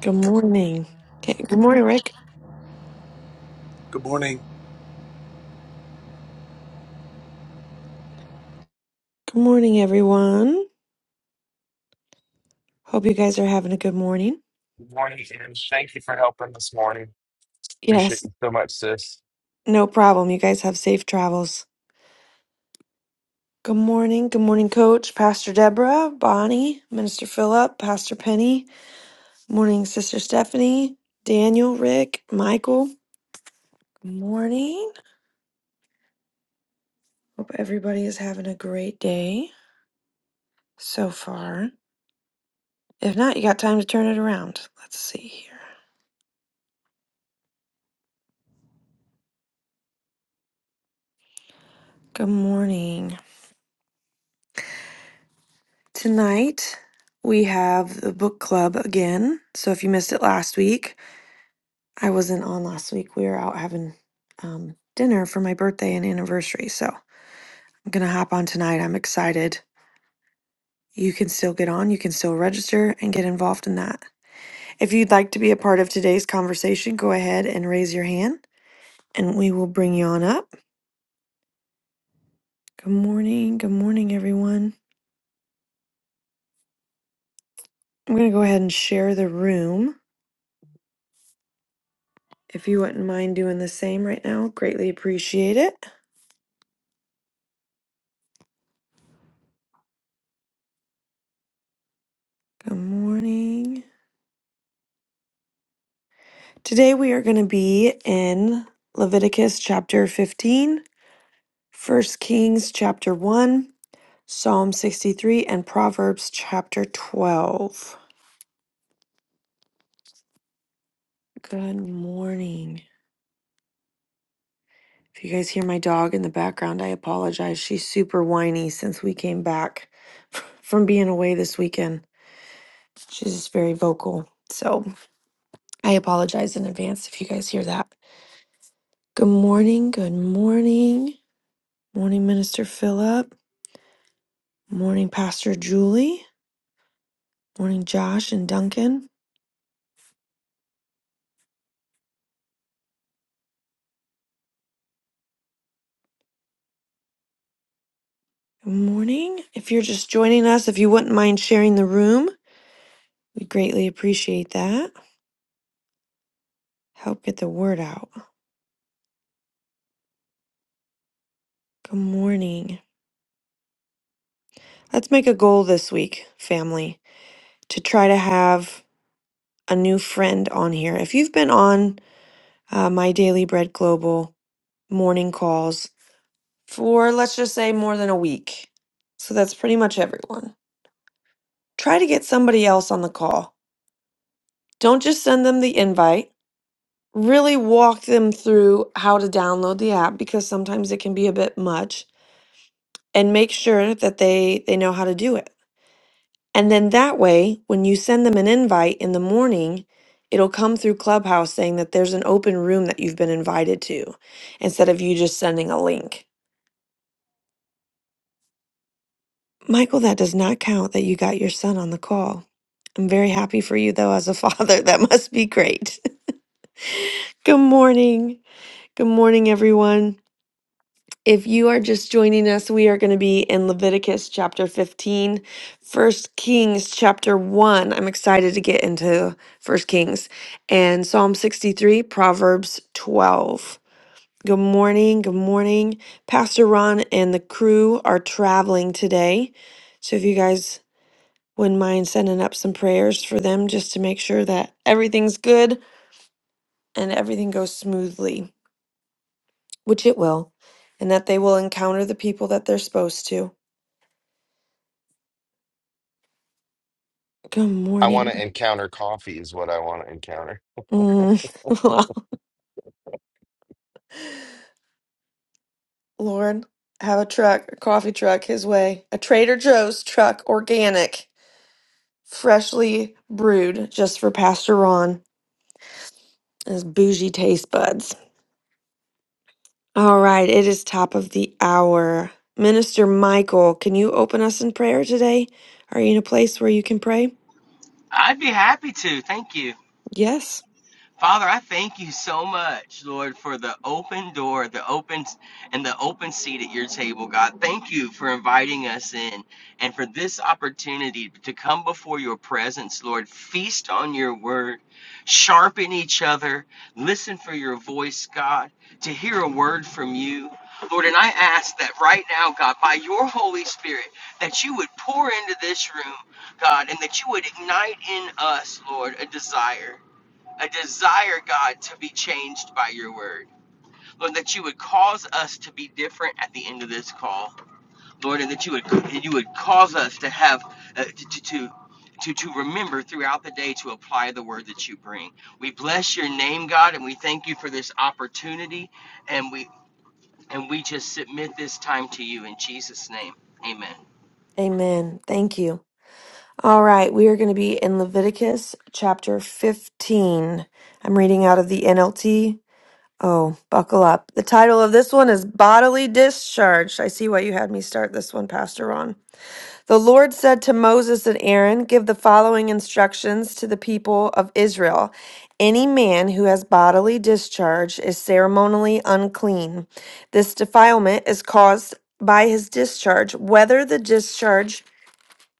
Good morning. Okay, good morning, Rick. Good morning. Good morning, everyone. Hope you guys are having a good morning. Good morning, and thank you for helping this morning. Appreciate Yes, you so much, sis. no problem. You guys have safe travels. Good morning. Good morning, Coach, Pastor Deborah, Bonnie, Minister Philip, Pastor Penny. Morning, Sister Stephanie, Daniel, Rick, Michael. Good morning. Hope everybody is having a great day so far. If not, you got time to turn it around. Let's see here. Good morning. Tonight, we have the book club again. So if you missed it last week, I wasn't on last week. We were out having um, dinner for my birthday and anniversary. So I'm going to hop on tonight. I'm excited. You can still get on, you can still register and get involved in that. If you'd like to be a part of today's conversation, go ahead and raise your hand and we will bring you on up. Good morning. Good morning, everyone. I'm going to go ahead and share the room. If you wouldn't mind doing the same right now, greatly appreciate it. Good morning. Today we are going to be in Leviticus chapter 15, First Kings chapter 1, Psalm 63, and Proverbs chapter 12. Good morning. If you guys hear my dog in the background, I apologize. She's super whiny since we came back from being away this weekend. She's just very vocal. So I apologize in advance if you guys hear that. Good morning. Good morning. Morning, Minister Philip. Morning, Pastor Julie. Morning, Josh and Duncan. Good morning. If you're just joining us, if you wouldn't mind sharing the room, we greatly appreciate that. Help get the word out. Good morning. Let's make a goal this week, family, to try to have a new friend on here. If you've been on uh, my Daily Bread Global morning calls for, let's just say, more than a week, so that's pretty much everyone, try to get somebody else on the call. Don't just send them the invite really walk them through how to download the app because sometimes it can be a bit much and make sure that they they know how to do it. And then that way, when you send them an invite in the morning, it'll come through Clubhouse saying that there's an open room that you've been invited to instead of you just sending a link. Michael, that does not count that you got your son on the call. I'm very happy for you though as a father. That must be great. Good morning. Good morning everyone. If you are just joining us, we are going to be in Leviticus chapter 15, First Kings chapter 1. I'm excited to get into First Kings and Psalm 63, Proverbs 12. Good morning. Good morning. Pastor Ron and the crew are traveling today. So if you guys wouldn't mind sending up some prayers for them just to make sure that everything's good and everything goes smoothly, which it will, and that they will encounter the people that they're supposed to. Good I want to morning. encounter coffee, is what I want to encounter. Mm. Lord, have a truck, a coffee truck his way. A Trader Joe's truck, organic, freshly brewed just for Pastor Ron and his bougie taste buds. All right, it is top of the hour. Minister Michael, can you open us in prayer today? Are you in a place where you can pray? I'd be happy to. Thank you. Yes. Father, I thank you so much, Lord, for the open door, the open and the open seat at your table, God. Thank you for inviting us in and for this opportunity to come before your presence, Lord. Feast on your word, sharpen each other, listen for your voice, God, to hear a word from you. Lord, and I ask that right now, God, by your Holy Spirit, that you would pour into this room, God, and that you would ignite in us, Lord, a desire. I desire, God, to be changed by your word. Lord, that you would cause us to be different at the end of this call. Lord, and that you would you would cause us to have uh, to, to to to to remember throughout the day to apply the word that you bring. We bless your name, God, and we thank you for this opportunity and we and we just submit this time to you in Jesus name. Amen. Amen. Thank you. All right, we are going to be in Leviticus chapter 15. I'm reading out of the NLT Oh, buckle up. The title of this one is Bodily discharge. I see why you had me start this one, Pastor Ron. The Lord said to Moses and Aaron, Give the following instructions to the people of Israel. Any man who has bodily discharge is ceremonially unclean. This defilement is caused by his discharge, whether the discharge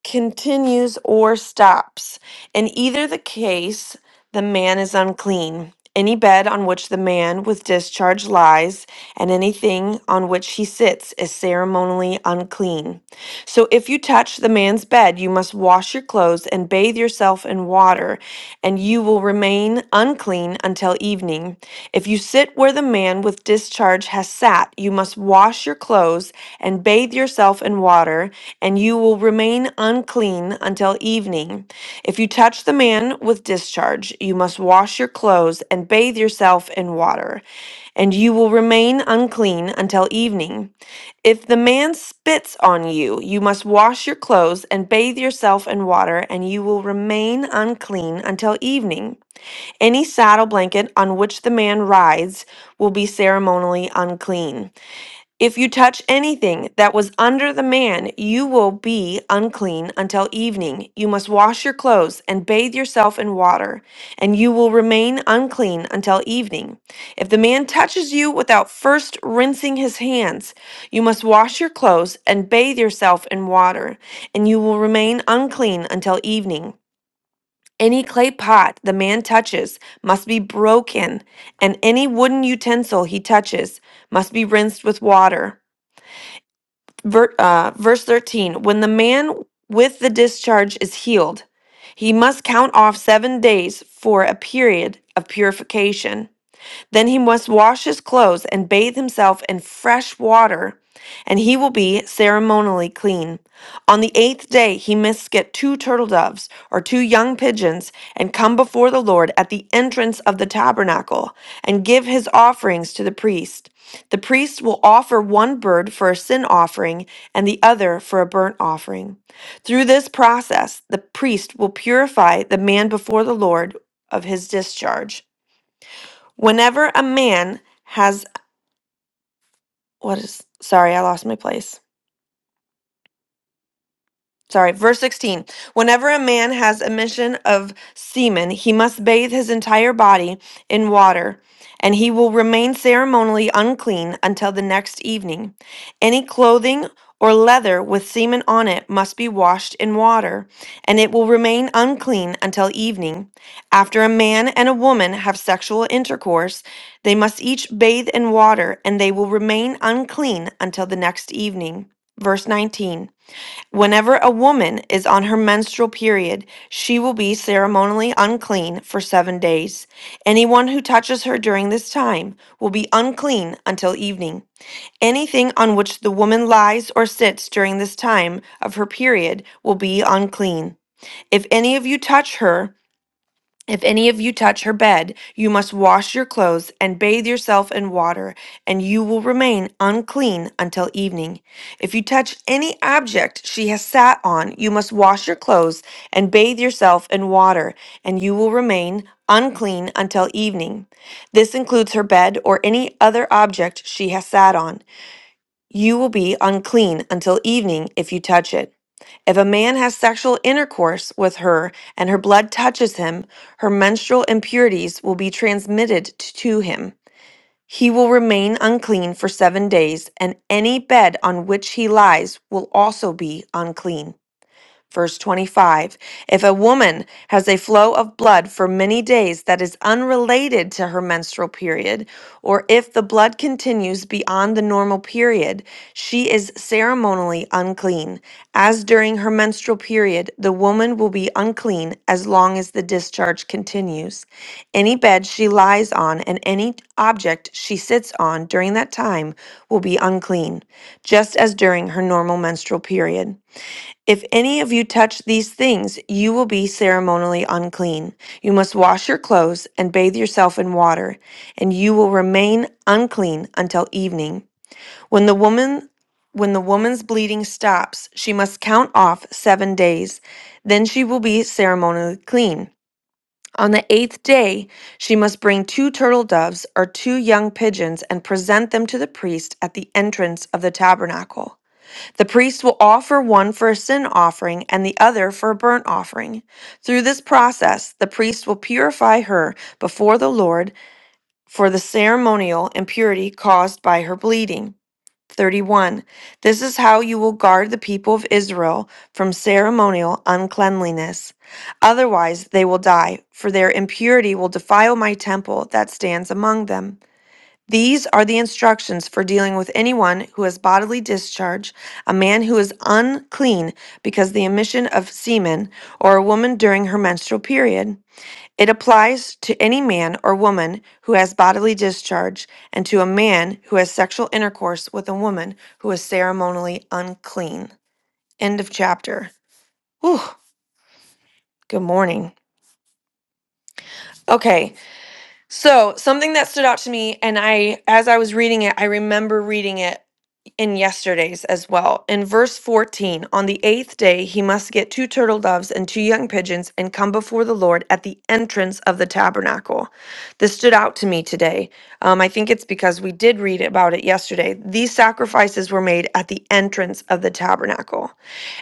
continues or stops. In either the case, the man is unclean. Any bed on which the man with discharge lies, and anything on which he sits, is ceremonially unclean. So if you touch the man's bed, you must wash your clothes and bathe yourself in water, and you will remain unclean until evening. If you sit where the man with discharge has sat, you must wash your clothes and bathe yourself in water, and you will remain unclean until evening. If you touch the man with discharge, you must wash your clothes and bathe yourself in water, and you will remain unclean until evening. If the man spits on you, you must wash your clothes and bathe yourself in water, and you will remain unclean until evening. Any saddle blanket on which the man rides will be ceremonially unclean. If you touch anything that was under the man, you will be unclean until evening. You must wash your clothes and bathe yourself in water, and you will remain unclean until evening. If the man touches you without first rinsing his hands, you must wash your clothes and bathe yourself in water, and you will remain unclean until evening. Any clay pot the man touches must be broken, and any wooden utensil he touches must be rinsed with water. Ver, uh, verse 13 When the man with the discharge is healed, he must count off seven days for a period of purification. Then he must wash his clothes and bathe himself in fresh water, and he will be ceremonially clean. On the eighth day, he must get two turtle doves or two young pigeons and come before the Lord at the entrance of the tabernacle and give his offerings to the priest. The priest will offer one bird for a sin offering and the other for a burnt offering. Through this process, the priest will purify the man before the Lord of his discharge Whenever a man has, what is, sorry, I lost my place. sorry, verse 16. Whenever a man has emission of semen, he must bathe his entire body in water, and he will remain ceremonially unclean until the next evening. Any clothing or leather with semen on it must be washed in water, and it will remain unclean until evening. After a man and a woman have sexual intercourse, they must each bathe in water, and they will remain unclean until the next evening. Verse 19. Whenever a woman is on her menstrual period, she will be ceremonially unclean for seven days. Anyone who touches her during this time will be unclean until evening. Anything on which the woman lies or sits during this time of her period will be unclean. If any of you touch her, if any of you touch her bed, you must wash your clothes and bathe yourself in water, and you will remain unclean until evening. If you touch any object she has sat on, you must wash your clothes and bathe yourself in water, and you will remain unclean until evening. This includes her bed or any other object she has sat on. You will be unclean until evening if you touch it. If a man has sexual intercourse with her and her blood touches him, her menstrual impurities will be transmitted t- to him. He will remain unclean for seven days, and any bed on which he lies will also be unclean. Verse 25 If a woman has a flow of blood for many days that is unrelated to her menstrual period, or if the blood continues beyond the normal period, she is ceremonially unclean. As during her menstrual period, the woman will be unclean as long as the discharge continues. Any bed she lies on and any object she sits on during that time will be unclean, just as during her normal menstrual period. If any of you touch these things, you will be ceremonially unclean. You must wash your clothes and bathe yourself in water, and you will remain unclean until evening. When the woman when the woman's bleeding stops, she must count off 7 days. Then she will be ceremonially clean. On the eighth day, she must bring two turtle doves or two young pigeons and present them to the priest at the entrance of the tabernacle. The priest will offer one for a sin offering and the other for a burnt offering. Through this process, the priest will purify her before the Lord for the ceremonial impurity caused by her bleeding. 31. This is how you will guard the people of Israel from ceremonial uncleanliness. Otherwise, they will die, for their impurity will defile my temple that stands among them. These are the instructions for dealing with anyone who has bodily discharge, a man who is unclean because the emission of semen, or a woman during her menstrual period. It applies to any man or woman who has bodily discharge and to a man who has sexual intercourse with a woman who is ceremonially unclean. End of chapter. Whew, good morning. Okay, So, something that stood out to me, and I, as I was reading it, I remember reading it in yesterday's as well. In verse 14, on the eighth day, he must get two turtle doves and two young pigeons and come before the Lord at the entrance of the tabernacle. This stood out to me today. Um, I think it's because we did read about it yesterday. These sacrifices were made at the entrance of the tabernacle,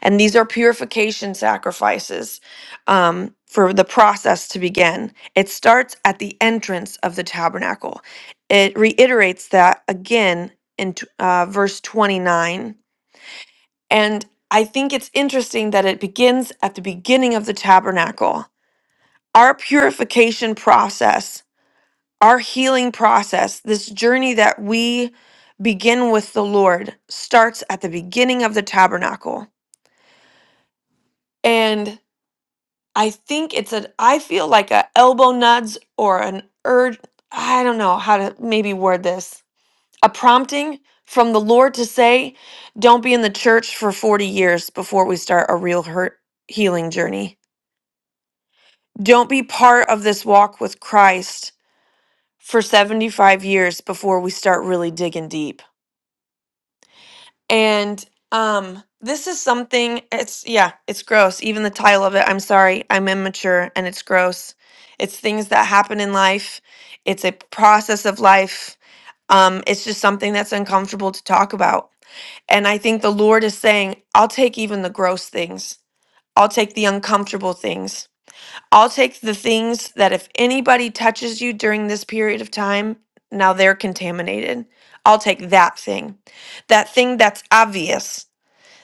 and these are purification sacrifices um, for the process to begin. It starts at the entrance of the tabernacle. It reiterates that again in t- uh, verse 29. And I think it's interesting that it begins at the beginning of the tabernacle. Our purification process, our healing process, this journey that we begin with the Lord starts at the beginning of the tabernacle. And I think it's a, I feel like a elbow nudge or an urge. I don't know how to maybe word this a prompting from the Lord to say, don't be in the church for 40 years before we start a real hurt healing journey. Don't be part of this walk with Christ for 75 years before we start really digging deep. And um this is something it's yeah, it's gross. Even the title of it, I'm sorry, I'm immature and it's gross. It's things that happen in life. It's a process of life. Um it's just something that's uncomfortable to talk about And I think the Lord is saying, I'll take even the gross things. I'll take the uncomfortable things. I'll take the things that if anybody touches you during this period of time, now they're contaminated. I'll take that thing. That thing that's obvious.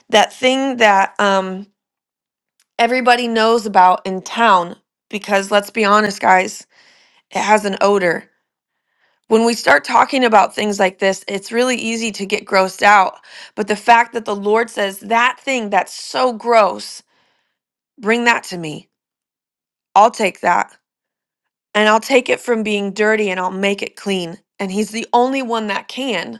That thing that um everybody knows about in town because let's be honest guys, it has an odor. when we start talking about things like this, it's really easy to get grossed out. But the fact that the Lord says, that thing that's so gross, bring that to me. I'll take that. And I'll take it from being dirty and I'll make it clean. And He's the only one that can.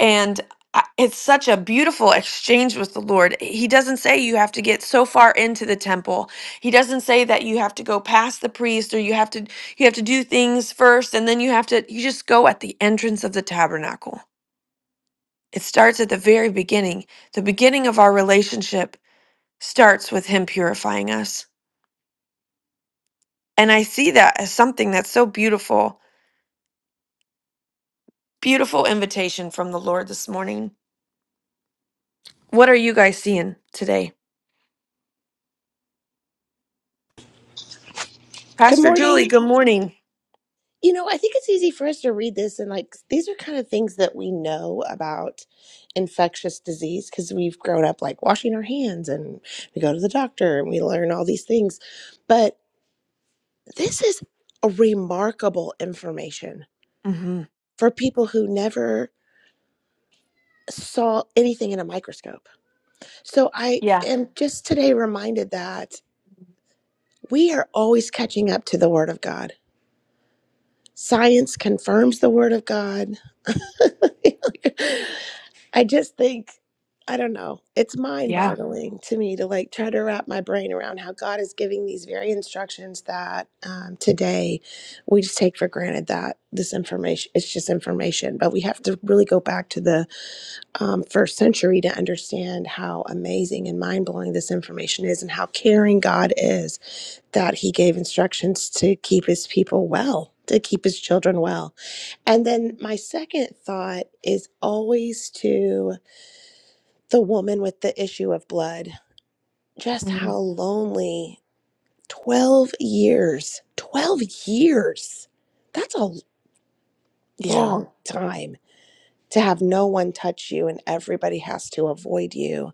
And I- it's such a beautiful exchange with the Lord. He doesn't say you have to get so far into the temple. He doesn't say that you have to go past the priest or you have to you have to do things first and then you have to you just go at the entrance of the tabernacle It starts at the very beginning. The beginning of our relationship starts with Him purifying us. And I see that as something that's so beautiful. Beautiful invitation from the Lord this morning. What are you guys seeing today? Good Pastor Julie, morning. good morning. You know, I think it's easy for us to read this and like these are kind of things that we know about infectious disease because we've grown up like washing our hands and we go to the doctor and we learn all these things. But this is remarkable information Mm-hmm. for people who never saw anything in a microscope. So I Yeah, am just today reminded that we are always catching up to the word of God. Science confirms the word of God. I just think, I don't know, it's mind yeah. boggling to me to like try to wrap my brain around how God is giving these very instructions that um, today we just take for granted that this information, it's just information. But we have to really go back to the um, first century to understand how amazing and mind blowing this information is and how caring God is that He gave instructions to keep His people well, to keep His children well. And then my second thought is always to the woman with the issue of blood, just how Mhm. lonely 12 years, 12 years, that's a Yeah. long time to have no one touch you and everybody has to avoid you.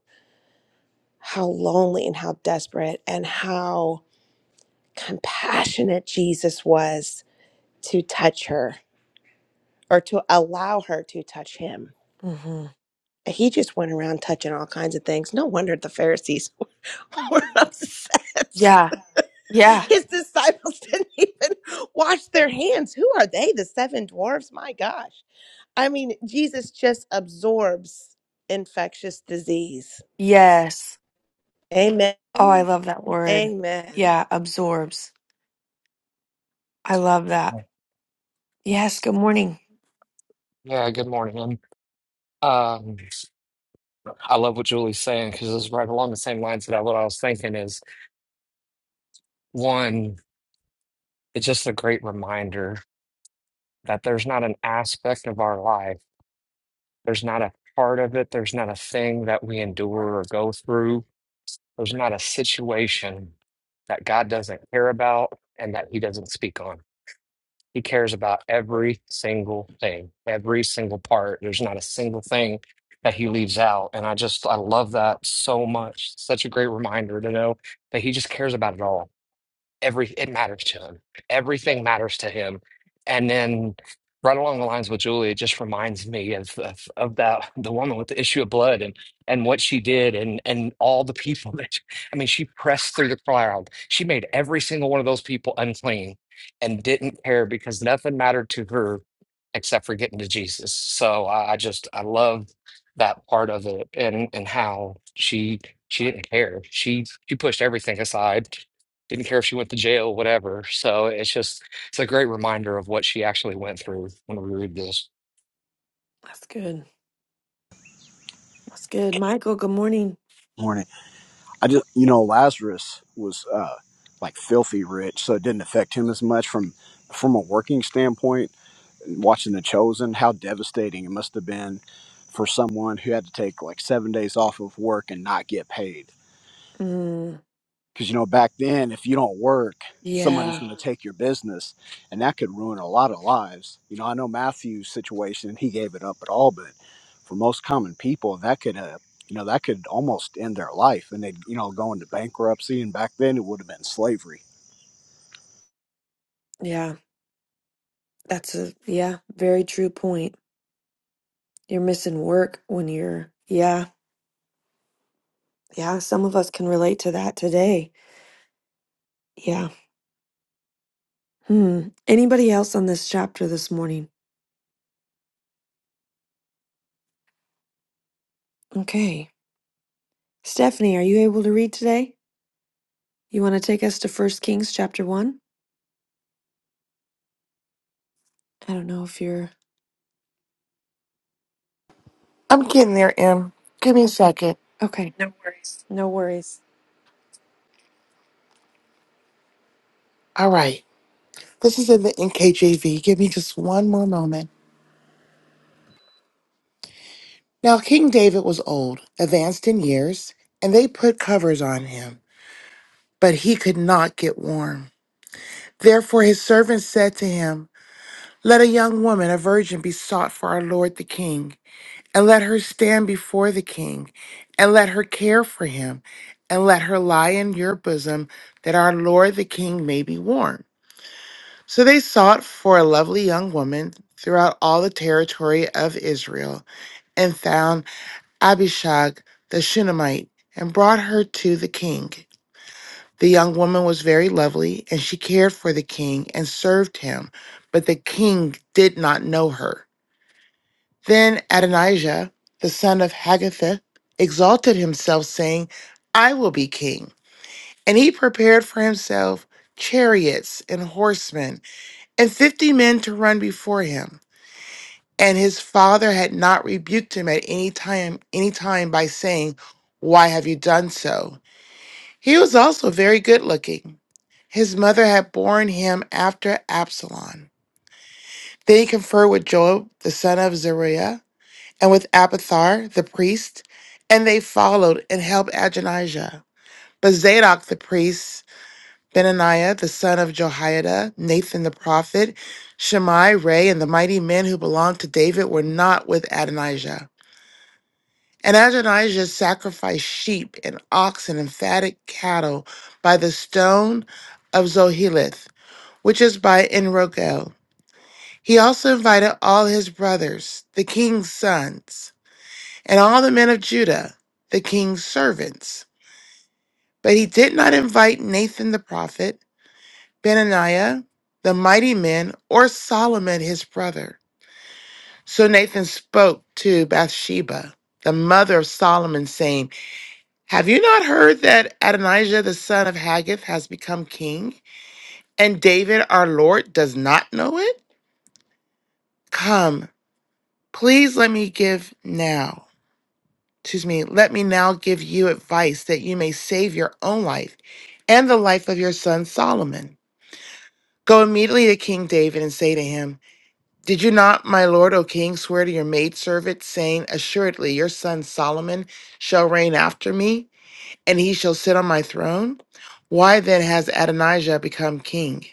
How lonely and how desperate and how compassionate Jesus was to touch her or to allow her to touch him. Mhm. He just went around touching all kinds of things. No wonder the Pharisees We're upset. Yeah. Yeah. His disciples didn't even wash their hands. Who are they? The seven dwarfs? My gosh. I mean, Jesus just absorbs infectious disease. Yes. Amen. Oh, I love that word. Amen. Yeah, absorbs. I love that. Right. Yes, good morning. Yeah, good morning. And um, I love what Julie's saying because it's right along the same lines that I, what I was thinking is one, it's just a great reminder that there's not an aspect of our life, there's not a part of it, there's not a thing that we endure or go through, there's not a situation that God doesn't care about and that He doesn't speak on. He cares about every single thing, every single part. There's not a single thing that he leaves out. And I just, I love that so much. Such a great reminder to know that he just cares about it all every it matters to him. Everything matters to him. And then right along the lines with Julia, it just reminds me of of, of that the woman with the issue of blood and and what she did and and all the people that she- I mean, she pressed through the crowd. She made every single one of those people unclean and didn't care because nothing mattered to her except for getting to Jesus. So I, I just I love that part of it and and how she she didn't care. She she pushed everything aside didn't care if she went to jail, whatever. So it's just, it's a great reminder of what she actually went through when we read this. That's good. That's good. Michael, good morning. morning. I just, you know, Lazarus was uh, like filthy rich, so it didn't affect him as much from from a working standpoint. Watching The Chosen, how devastating it must have been for someone who had to take like seven days off of work and not get paid Mm, because you know back then if you don't work somebody's yeah, Yeah. going to take your business and that could ruin a lot of lives you know i know matthew's situation he gave it up at all but for most common people that could uh, you know that could almost end their life and they'd you know go into bankruptcy and back then it would have been slavery yeah. That's a yeah, very true point. You're missing work when you're yeah, yeah. Some of us can relate to that today. Yeah. Hmm. Anybody else on this chapter this morning? Okay. Stephanie, are you able to read today? You want to take us to First Kings chapter one? I don't know if you're I'm getting there, Em. Give me a second. okay. No worries. All right. This is in the NKJV. Give me just one more moment. Now, King David was old, advanced in years, and they put covers on him, but he could not get warm. Therefore, his servants said to him, Let a young woman, a virgin, be sought for our Lord the King, and let her stand before the King, and let her care for him, and let her lie in your bosom, that our Lord the King may be warm. So they sought for a lovely young woman throughout all the territory of Israel, and found Abishag the Shunammite, and brought her to the king. The young woman was very lovely, and she cared for the king and served him, but the king did not know her. Then Adonijah, the son of Haggith, exalted himself, saying, I will be king. And he prepared for himself chariots and horsemen, and fifty men to run before him. And his father had not rebuked him at any time, any time by saying, Why have you done so? He was also very good looking. His mother had borne him after Absalom. Then he conferred with Joab, the son of Zeruiah, and with Abathar, the priest, and they followed and helped Adonijah. But Zadok the priest, Benaniah, the son of Jehoiada, Nathan the prophet, Shimei, Ray, and the mighty men who belonged to David were not with Adonijah. And Adonijah sacrificed sheep and oxen and fatted cattle by the stone of Zoheleth, which is by Enrogel. He also invited all his brothers, the king's sons, and all the men of Judah, the king's servants. But he did not invite Nathan the prophet, Benaniah, the mighty men, or Solomon his brother. So Nathan spoke to Bathsheba, the mother of Solomon, saying, Have you not heard that Adonijah the son of Haggith has become king, and David our Lord does not know it? Come, please let me give now. Excuse me, let me now give you advice that you may save your own life and the life of your son Solomon. Go immediately to King David and say to him, Did you not, my lord, O king, swear to your maidservant, saying, Assuredly your son Solomon shall reign after me? and he shall sit on my throne? Why then has Adonijah become king?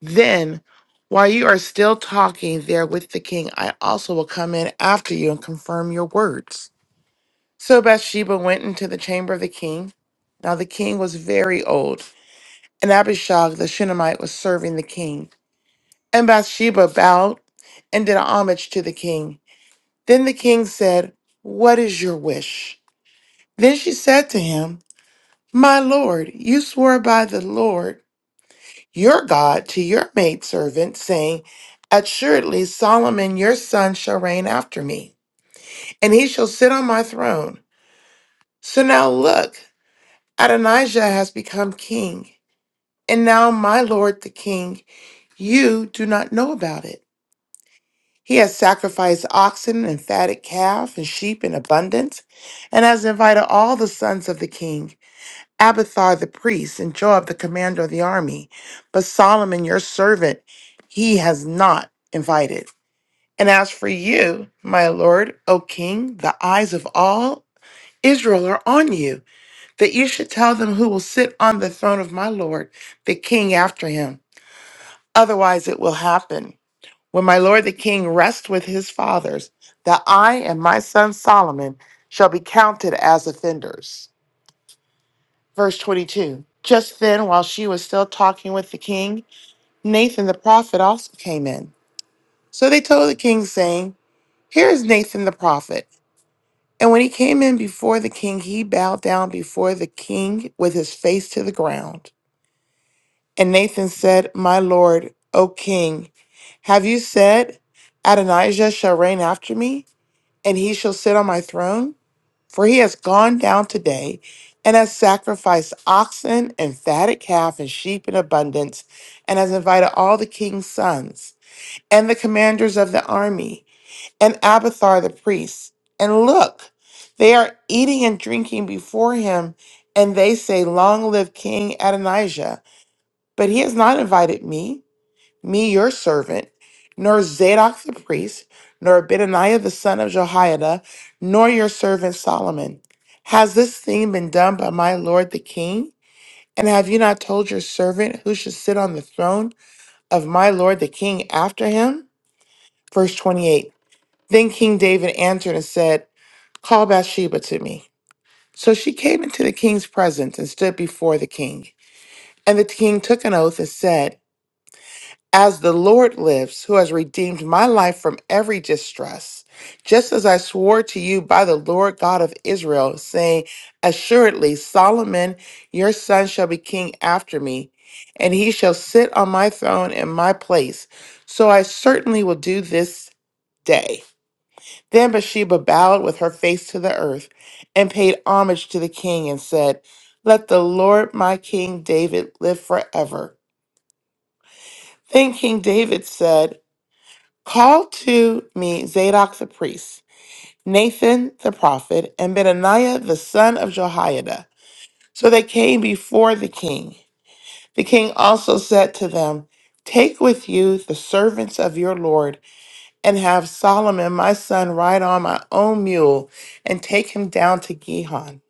Then, while you are still talking there with the king, I also will come in after you and confirm your words. So Bathsheba went into the chamber of the king. Now the king was very old, and Abishag the Shunammite was serving the king. And Bathsheba bowed and did homage to the king. Then the king said, What is your wish? Then she said to him, My lord, you swore by the Lord. your God to your maidservant, saying, Assuredly, Solomon your son shall reign after me, and he shall sit on my throne. So now look, Adonijah has become king, and now my lord the king, you do not know about it. He has sacrificed oxen and fatted calf and sheep in abundance, and has invited all the sons of the king. Abathar the priest, and Joab the commander of the army, but Solomon your servant he has not invited. And as for you, my lord, O king, the eyes of all Israel are on you, that you should tell them who will sit on the throne of my lord, the king after him. Otherwise it will happen. When my lord the king rests with his fathers, that I and my son Solomon shall be counted as offenders. Verse 22 Just then, while she was still talking with the king, Nathan the prophet also came in. So they told the king, saying, Here is Nathan the prophet. And when he came in before the king, he bowed down before the king with his face to the ground. And Nathan said, My lord, O king, have you said, Adonijah shall reign after me, and he shall sit on my throne? For he has gone down today and has sacrificed oxen and fatted calf and sheep in abundance, and has invited all the king's sons and the commanders of the army and Abathar the priest. And look, they are eating and drinking before him, and they say, Long live King Adonijah. But he has not invited me me your servant, nor Zadok the priest, nor Benaniah the son of Jehoiada, nor your servant Solomon. Has this thing been done by my lord the king? And have you not told your servant who should sit on the throne of my lord the king after him? Verse 28. Then King David answered and said, Call Bathsheba to me. So she came into the king's presence and stood before the king. And the king took an oath and said, As the Lord lives, who has redeemed my life from every distress, just as I swore to you by the Lord God of Israel, saying, Assuredly, Solomon your son shall be king after me, and he shall sit on my throne in my place. So I certainly will do this day. Then Bathsheba bowed with her face to the earth and paid homage to the king and said, Let the Lord my king David live forever. Then King David said, Call to me Zadok the priest, Nathan the prophet, and Benaniah the son of Jehoiada. So they came before the king. The king also said to them, Take with you the servants of your Lord, and have Solomon my son ride on my own mule, and take him down to Gihon.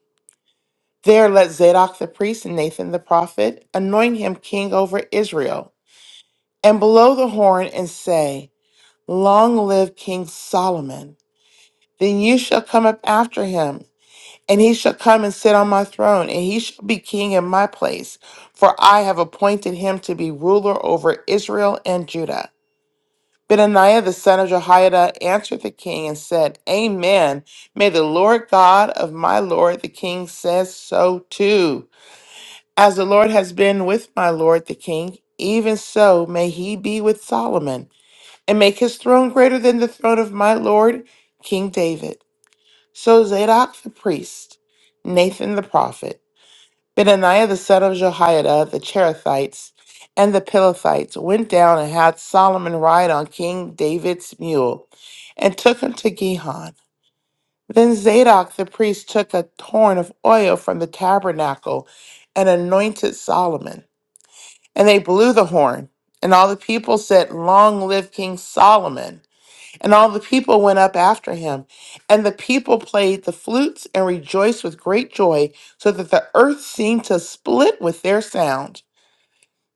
There let Zadok the priest and Nathan the prophet anoint him king over Israel, and blow the horn and say, Long live King Solomon. Then you shall come up after him, and he shall come and sit on my throne, and he shall be king in my place, for I have appointed him to be ruler over Israel and Judah. Benaniah the son of Jehoiada answered the king and said, Amen. May the Lord God of my Lord the king says so too. As the Lord has been with my Lord the king, even so may he be with Solomon, and make his throne greater than the throne of my Lord King David. So Zadok the priest, Nathan the prophet, Benaniah the son of Jehoiada, the Cherethites, and the Pilathites went down and had Solomon ride on King David's mule and took him to Gihon. Then Zadok the priest took a horn of oil from the tabernacle and anointed Solomon. And they blew the horn. And all the people said, Long live King Solomon. And all the people went up after him. And the people played the flutes and rejoiced with great joy, so that the earth seemed to split with their sound.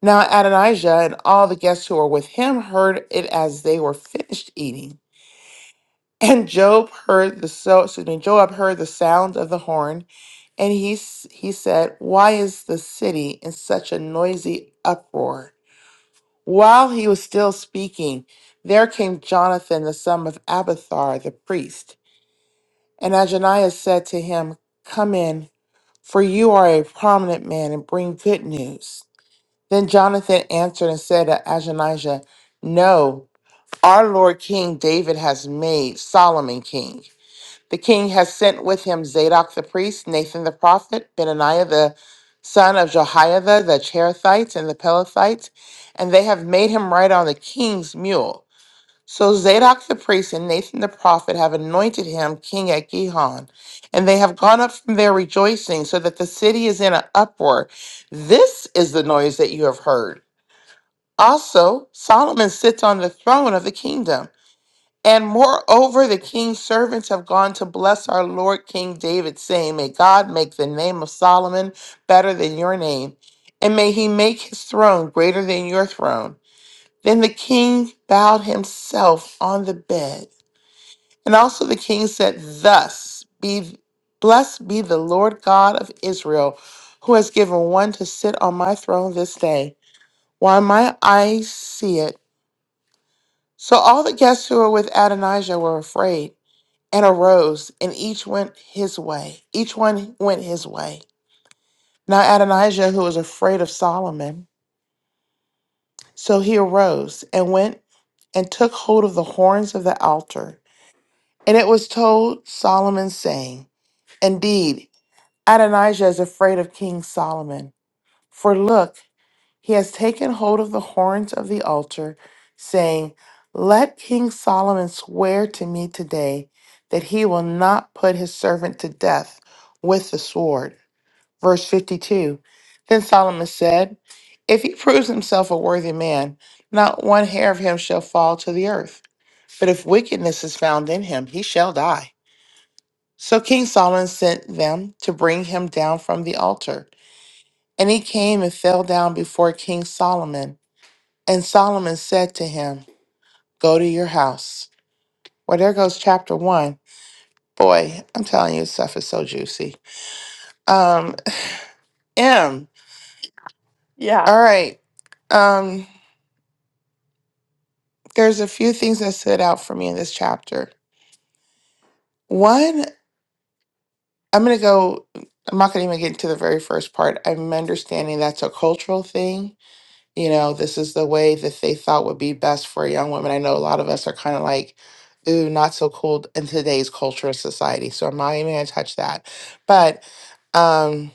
Now Adonijah and all the guests who were with him heard it as they were finished eating. And Job heard the so excuse me, Joab heard the sound of the horn, and he s- he said, "Why is the city in such a noisy uproar?" While he was still speaking, there came Jonathan the son of Abathar the priest. And Ajaniah said to him, Come in, for you are a prominent man, and bring good news. Then Jonathan answered and said to Ajaniah, No, our Lord King David has made Solomon king. The king has sent with him Zadok the priest, Nathan the prophet, Benaniah the son of Jehoiada, the Cherethites and the Pelethites, and they have made him ride on the king's mule. So Zadok the priest and Nathan the prophet have anointed him king at Gihon, and they have gone up from there rejoicing, so that the city is in an uproar. This is the noise that you have heard. Also, Solomon sits on the throne of the kingdom. And moreover, the king's servants have gone to bless our Lord King David, saying, May God make the name of Solomon better than your name, and may he make his throne greater than your throne. Then the king bowed himself on the bed and also the king said, Thus be blessed be the Lord God of Israel, who has given one to sit on my throne this day, while my eyes see it. So all the guests who were with Adonijah were afraid and arose, and each went his way. Each one went his way. Now Adonijah, who was afraid of Solomon, so he arose and went and took hold of the horns of the altar. And it was told Solomon, saying, Indeed, Adonijah is afraid of King Solomon. For look, he has taken hold of the horns of the altar, saying, Let King Solomon swear to me today that he will not put his servant to death with the sword. Verse 52 Then Solomon said, If he proves himself a worthy man, not one hair of him shall fall to the earth. But if wickedness is found in him, he shall die. So King Solomon sent them to bring him down from the altar. And he came and fell down before King Solomon. And Solomon said to him, Go to your house. Well, there goes chapter one. Boy, I'm telling you, stuff is so juicy. Um, M. Yeah. All right. Um, there's a few things that stood out for me in this chapter. One, I'm gonna go, I'm not gonna even get into the very first part. I'm understanding that's a cultural thing you know, this is the way that they thought would be best for young women. I know a lot of us are kind of like, ooh, not so cool in today's culture and society. So I'm not even gonna touch that. But um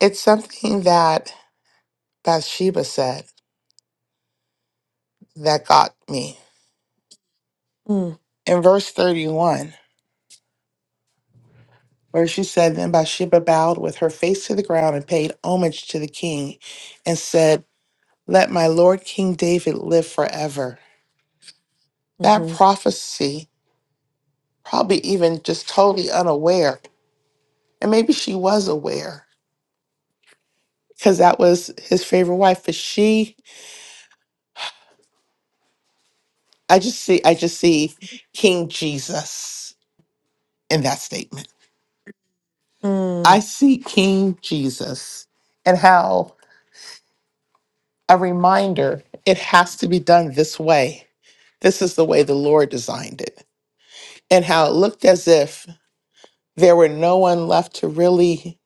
it's something that Bathsheba said that got me. Mm, In verse 31, where she said, Then Bathsheba bowed with her face to the ground and paid homage to the king and said, 'Let my Lord King David live forever. That mm-hmm. prophecy, probably even just totally unaware and maybe she was aware because that was his favorite wife but she i just see i just see king jesus in that statement i Mm, see king jesus and how a reminder it has to be done this way this is the way the lord designed it and how it looked as if there were no one left to really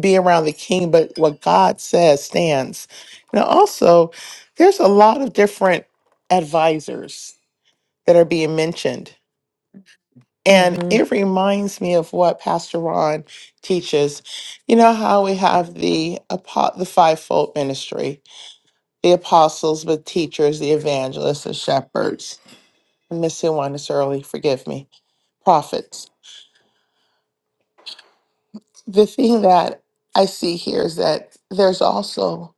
be around the king but what god says stands now also there's a lot of different advisors that are being mentioned. And mm-hmm. it reminds me of what Pastor Ron teaches. You know how we have the apo- the fivefold ministry, the apostles, the teachers, the evangelists, the shepherds. I'm missing one this early, forgive me. Prophets. The thing that I see here is that there's also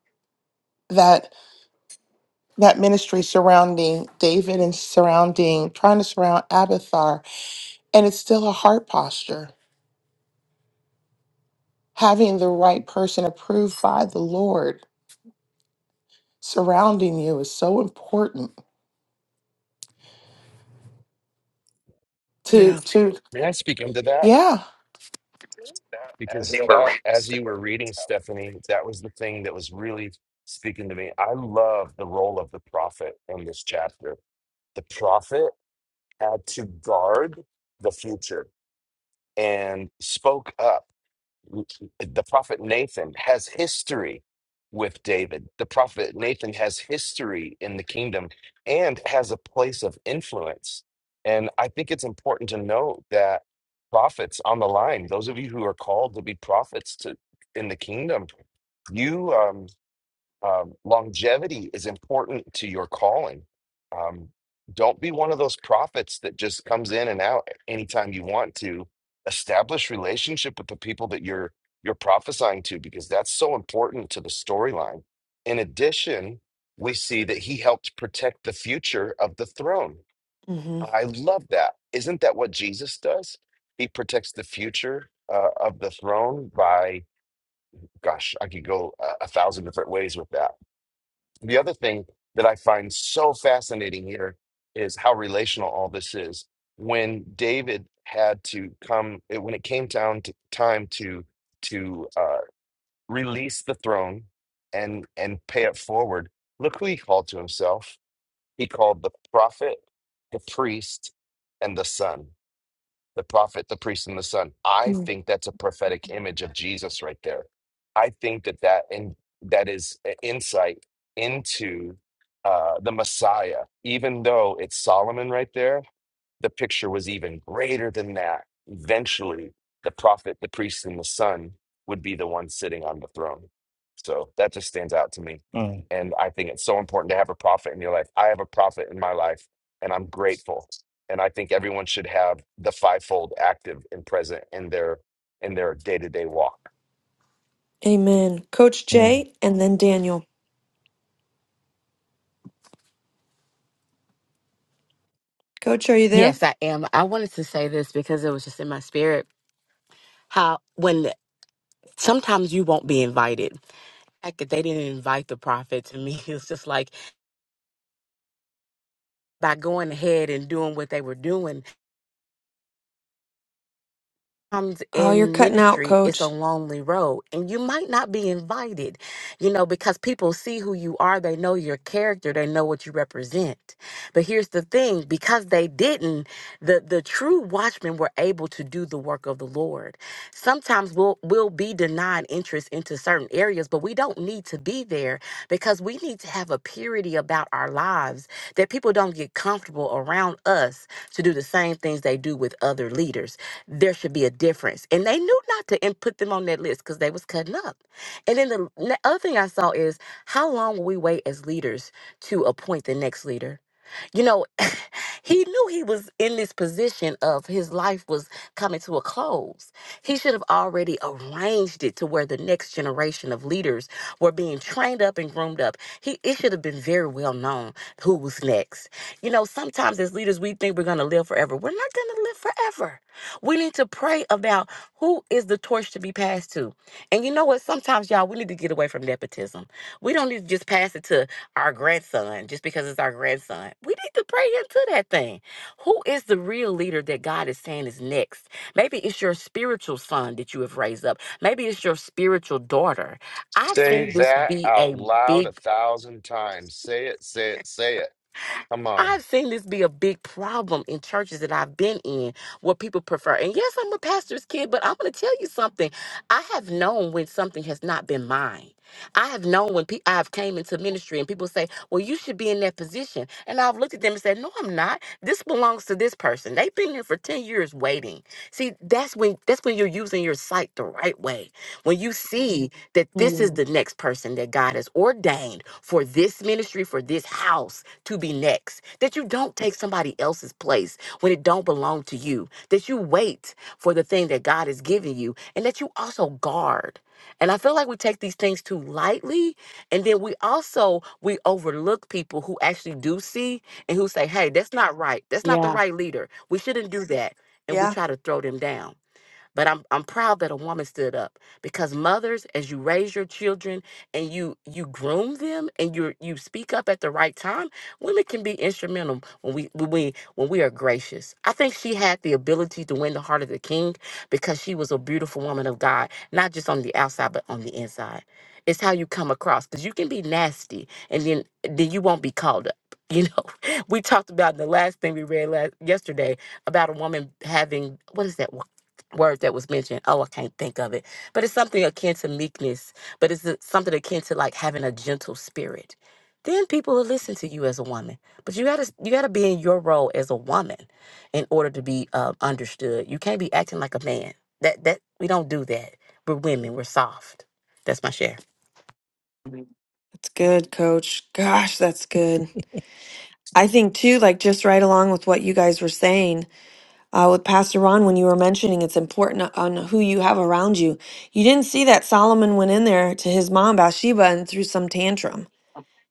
that that ministry surrounding David and surrounding trying to surround Abathar, and it's still a heart posture Having the right person approved by the Lord surrounding you is so important to Yeah. to May I speak into that? yeah. because that as you were reading stephanie that was the thing that was really speaking to me i love the role of the prophet in this chapter the prophet had to guard the future and spoke up the prophet Nathan has history with David. The prophet Nathan has history in the kingdom and has a place of influence. And I think it's important to note that prophets on the line, those of you who are called to be prophets to in the kingdom, you um, um, longevity is important to your calling. Um, don't be one of those prophets that just comes in and out anytime you want to. Establish relationship with the people that you're you're prophesying to because that's so important to the storyline. In addition, we see that he helped protect the future of the throne. Mm-hmm. I love that. Isn't that what Jesus does? He protects the future uh, of the throne by, gosh, I could go a, a thousand different ways with that the other thing that I find so fascinating here is how relational all this is. When David had to come, it- when it came down to time to to uh, release the throne and and pay it forward, look who he called to himself. He called the prophet, the priest, and the son the prophet, the priest, and the son. I mm. think that's a prophetic image of Jesus right there. I think that that and that is an insight into uh, the Messiah. Even though it's Solomon right there, the picture was even greater than that. Eventually, the prophet, the priest, and the son would be the one sitting on the throne. So that just stands out to me. Mm, And I think it's so important to have a prophet in your life. I have a prophet in my life, and I'm grateful. And I think everyone should have the fivefold active and present in their in their day-to-day walk. Amen. Coach mm, Jay and then Daniel. Coach, are you there? Yes, I am. I wanted to say this because it was just in my spirit. How when sometimes you won't be invited. Heck, they didn't invite the prophet to me. It's just like by going ahead and doing what they were doing. Sometimes Oh, you're in cutting out, ministry, it's a coach. lonely road, and you might not be invited, you know, because people see who you are, they know your character, they know what you represent. But here's the thing because they didn't, the, the true watchmen were able to do the work of the Lord. Sometimes we'll, we'll be denied interest into certain areas, but we don't need to be there because we need to have a purity about our lives that people don't get comfortable around us to do the same things they do with other leaders there should be a difference. And they knew not to and put them on that list because they was cutting up. And then the n- other thing I saw is how long will we wait as leaders to appoint the next leader? You know, he knew he was in this position of his life was coming to a close. He should have already arranged it to where the next generation of leaders were being trained up and groomed up. He it should have been very well known who was next. You know, sometimes as leaders we think we're gonna live forever. We're not gonna live forever. We need to pray about who is the torch to be passed to. And you know what? Sometimes y'all we need to get away from nepotism. We don't need to just pass it to our grandson just because it's our grandson. We need to pray into that thing. Who is the real leader that God is saying is next? Maybe it's your spiritual son that you have raised up. Maybe it's your spiritual daughter. I've Say seen this that be out a loud big a thousand times. Say it, say it, say it. Come on. I've seen this be a big problem in churches that I've been in where people prefer. And yes, I'm a pastor's kid, but I'm going to tell you something. I have known when something has not been mine. I have known when pe- I've came into ministry and people say, "Well, you should be in that position." And I've looked at them and said, "No, I'm not. This belongs to this person. They've been here for 10 years waiting." See, that's when that's when you're using your sight the right way. When you see that this is Mm, the next person that God has ordained for this ministry, for this house to be next. That you don't take somebody else's place when it don't belong to you. That you wait for the thing that God has given you and that you also guard. And I feel like we take these things too lightly and then we also we overlook people who actually do see and who say, "Hey, that's not right. That's not the yeah. right leader. We shouldn't do that." And we Yeah. try to throw them down. But I'm I'm proud that a woman stood up because mothers, as you raise your children and you you groom them and you you speak up at the right time, women can be instrumental when we when we when we are gracious. I think she had the ability to win the heart of the king because she was a beautiful woman of God, not just on the outside but on the inside. It's how you come across because you can be nasty and then then you won't be called up. You know, we talked about the last thing we read last yesterday about a woman having what is that? word that was mentioned. Oh, I can't think of it. But it's something akin to meekness, but it's a- something akin to like having a gentle spirit. Then people will listen to you as a woman. But you gotta you gotta be in your role as a woman in order to be uh, understood. You can't be acting like a man. That that we don't do that. We're women. We're soft. That's my share. That's good, coach. Gosh, that's good. I think, too, like just right along with what you guys were saying uh, with Pastor Ron, when you were mentioning it's important on who you have around you. You didn't see that Solomon went in there to his mom, Bathsheba, and threw some tantrum.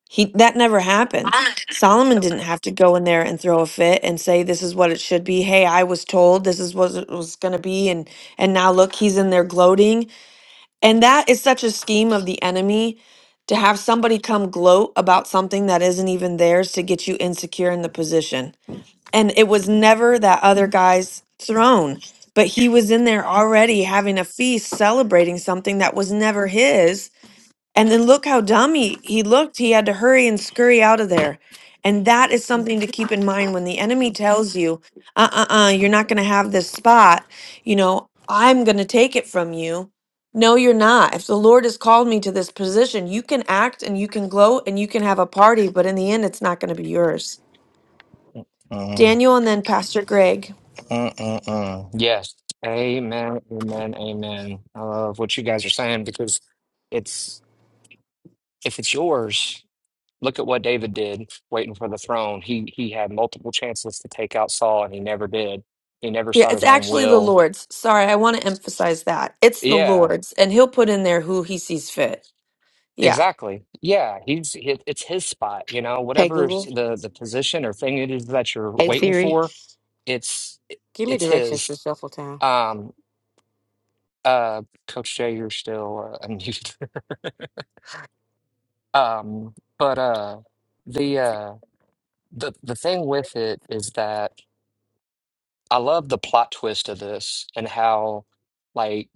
He that never happened. Solomon didn't have to go in there and throw a fit and say this is what it should be. Hey, I was told this is what it was going to be and and now look, he's in there gloating. And that is such a scheme of the enemy to have somebody come gloat about something that isn't even theirs to get you insecure in the position. And it was never that other guy's throne, but he was in there already having a feast celebrating something that was never his and then look how dumb he, he looked. He had to hurry and scurry out of there. And that is something to keep in mind when the enemy tells you, uh uh uh, you're not going to have this spot. You know, I'm going to take it from you. No, you're not. If the Lord has called me to this position, you can act and you can gloat and you can have a party, but in the end, it's not going to be yours. mm, Daniel and then Pastor Greg. mm, mm, mm. Yes. Amen. Amen. Amen. I love what you guys are saying because it's, if it's yours, look at what David did waiting for the throne. He, he had multiple chances to take out Saul and he never did. He never Yeah, sought it's his own actually the will. Lord's. Sorry, I want to emphasize that. It's the Yeah. Lord's, and He'll put in there who He sees fit. Yeah. Exactly. Yeah, he's he- it's his spot, you know, Hey whatever s- Google. the the position or thing it is that you're Hey waiting Siri. for, it's Give me it's directions to his. Shuffle Town. Um uh Coach Jay, you're still uh, unmuted. Um but uh the uh the the thing with it is that I love the plot twist of this and how like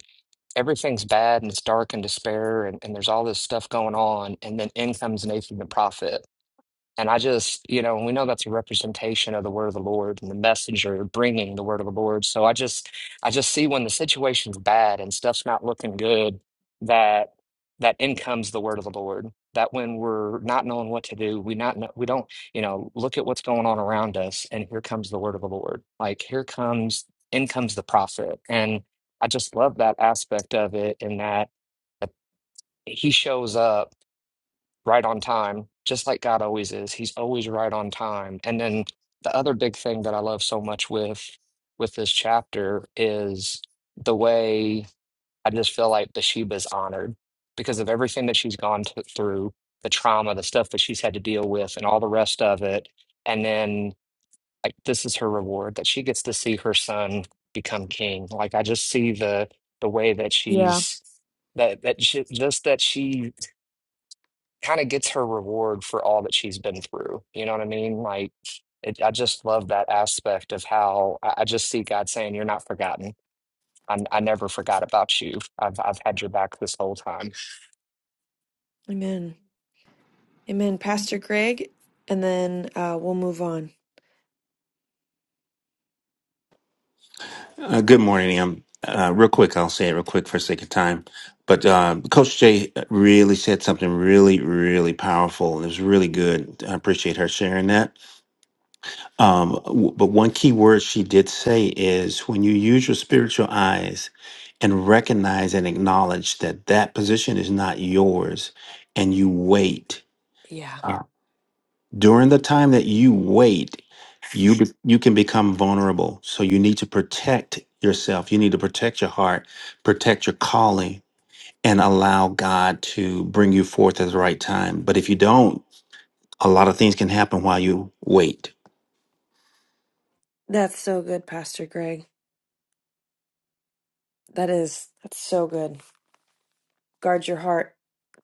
everything's bad and it's dark and despair and, and there's all this stuff going on and then in comes Nathan the prophet And I just, you know, we know that's a representation of the word of the Lord and the messenger bringing the word of the Lord. So I just, I just see when the situation's bad and stuff's not looking good, that that in comes the word of the Lord. That when we're not knowing what to do, we not know, we don't, you know, look at what's going on around us, and here comes the word of the Lord. Like here comes, in comes the prophet, and I just love that aspect of it, in that that he shows up right on time, just like God always is. He's always right on time. And then the other big thing that I love so much with with this chapter is the way I just feel like Bathsheba's honored because of everything that she's gone t- through, the trauma, the stuff that she's had to deal with, and all the rest of it. And then like this is her reward that she gets to see her son become king. Like I just see the the way that Yeah. she's that that she, just that she kind of gets her reward for all that she's been through. You know what I mean? Like, it, I just love that aspect of how I, I just see God saying, "You're not forgotten. i I never forgot about you. I've I've had your back this whole time." Amen. Amen, Pastor Greg, and then uh, we'll move on. Uh, good morning, Am. Uh, real quick, I'll say it real quick for sake of time. But uh, Coach Jay really said something really, really powerful, and it was really good. I appreciate her sharing that. Um, w- but one key word she did say is when you use your spiritual eyes and recognize and acknowledge that that position is not yours, and you wait Yeah, during the time that you wait you be- you can become vulnerable so you need to protect yourself you need to protect your heart protect your calling and allow god to bring you forth at the right time but if you don't a lot of things can happen while you wait that's so good, Pastor Greg. That is, that's so good. Guard your heart.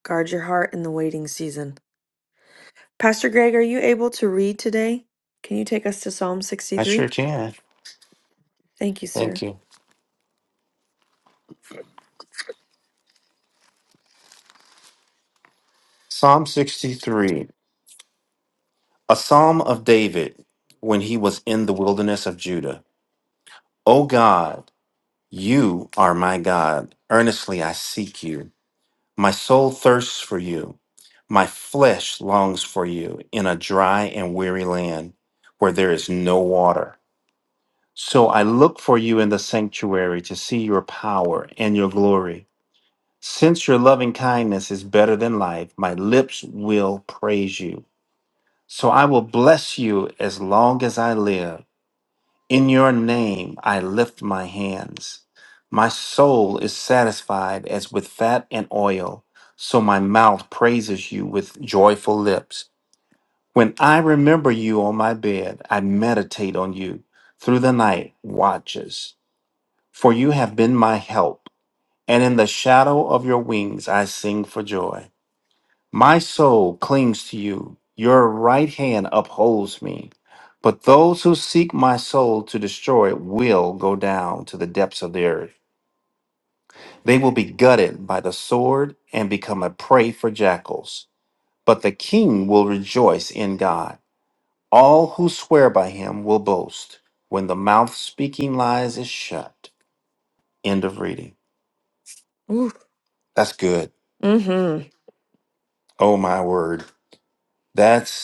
Guard your heart in the waiting season. Pastor Greg, are you able to read today? Can you take us to Psalm i sure 63? can Thank you, thank sir. you psalm 63 a psalm of david when he was in the wilderness of judah o god you are my god earnestly i seek you My soul thirsts for you. My flesh longs for you in a dry and weary land where there is no water. So I look for you in the sanctuary to see your power and your glory. Since your loving kindness is better than life, my lips will praise you. So I will bless you as long as I live. In your name I lift my hands. My soul is satisfied as with fat and oil, so my mouth praises you with joyful lips. When I remember you on my bed, I meditate on you through the night watches. For you have been my help, and in the shadow of your wings I sing for joy. My soul clings to you, your right hand upholds me. But those who seek my soul to destroy it will go down to the depths of the earth. They will be gutted by the sword and become a prey for jackals. But the king will rejoice in God. All who swear by him will boast when the mouth speaking lies is shut. End of reading. Ooh. That's good. Mm-hmm. Oh my word. That's.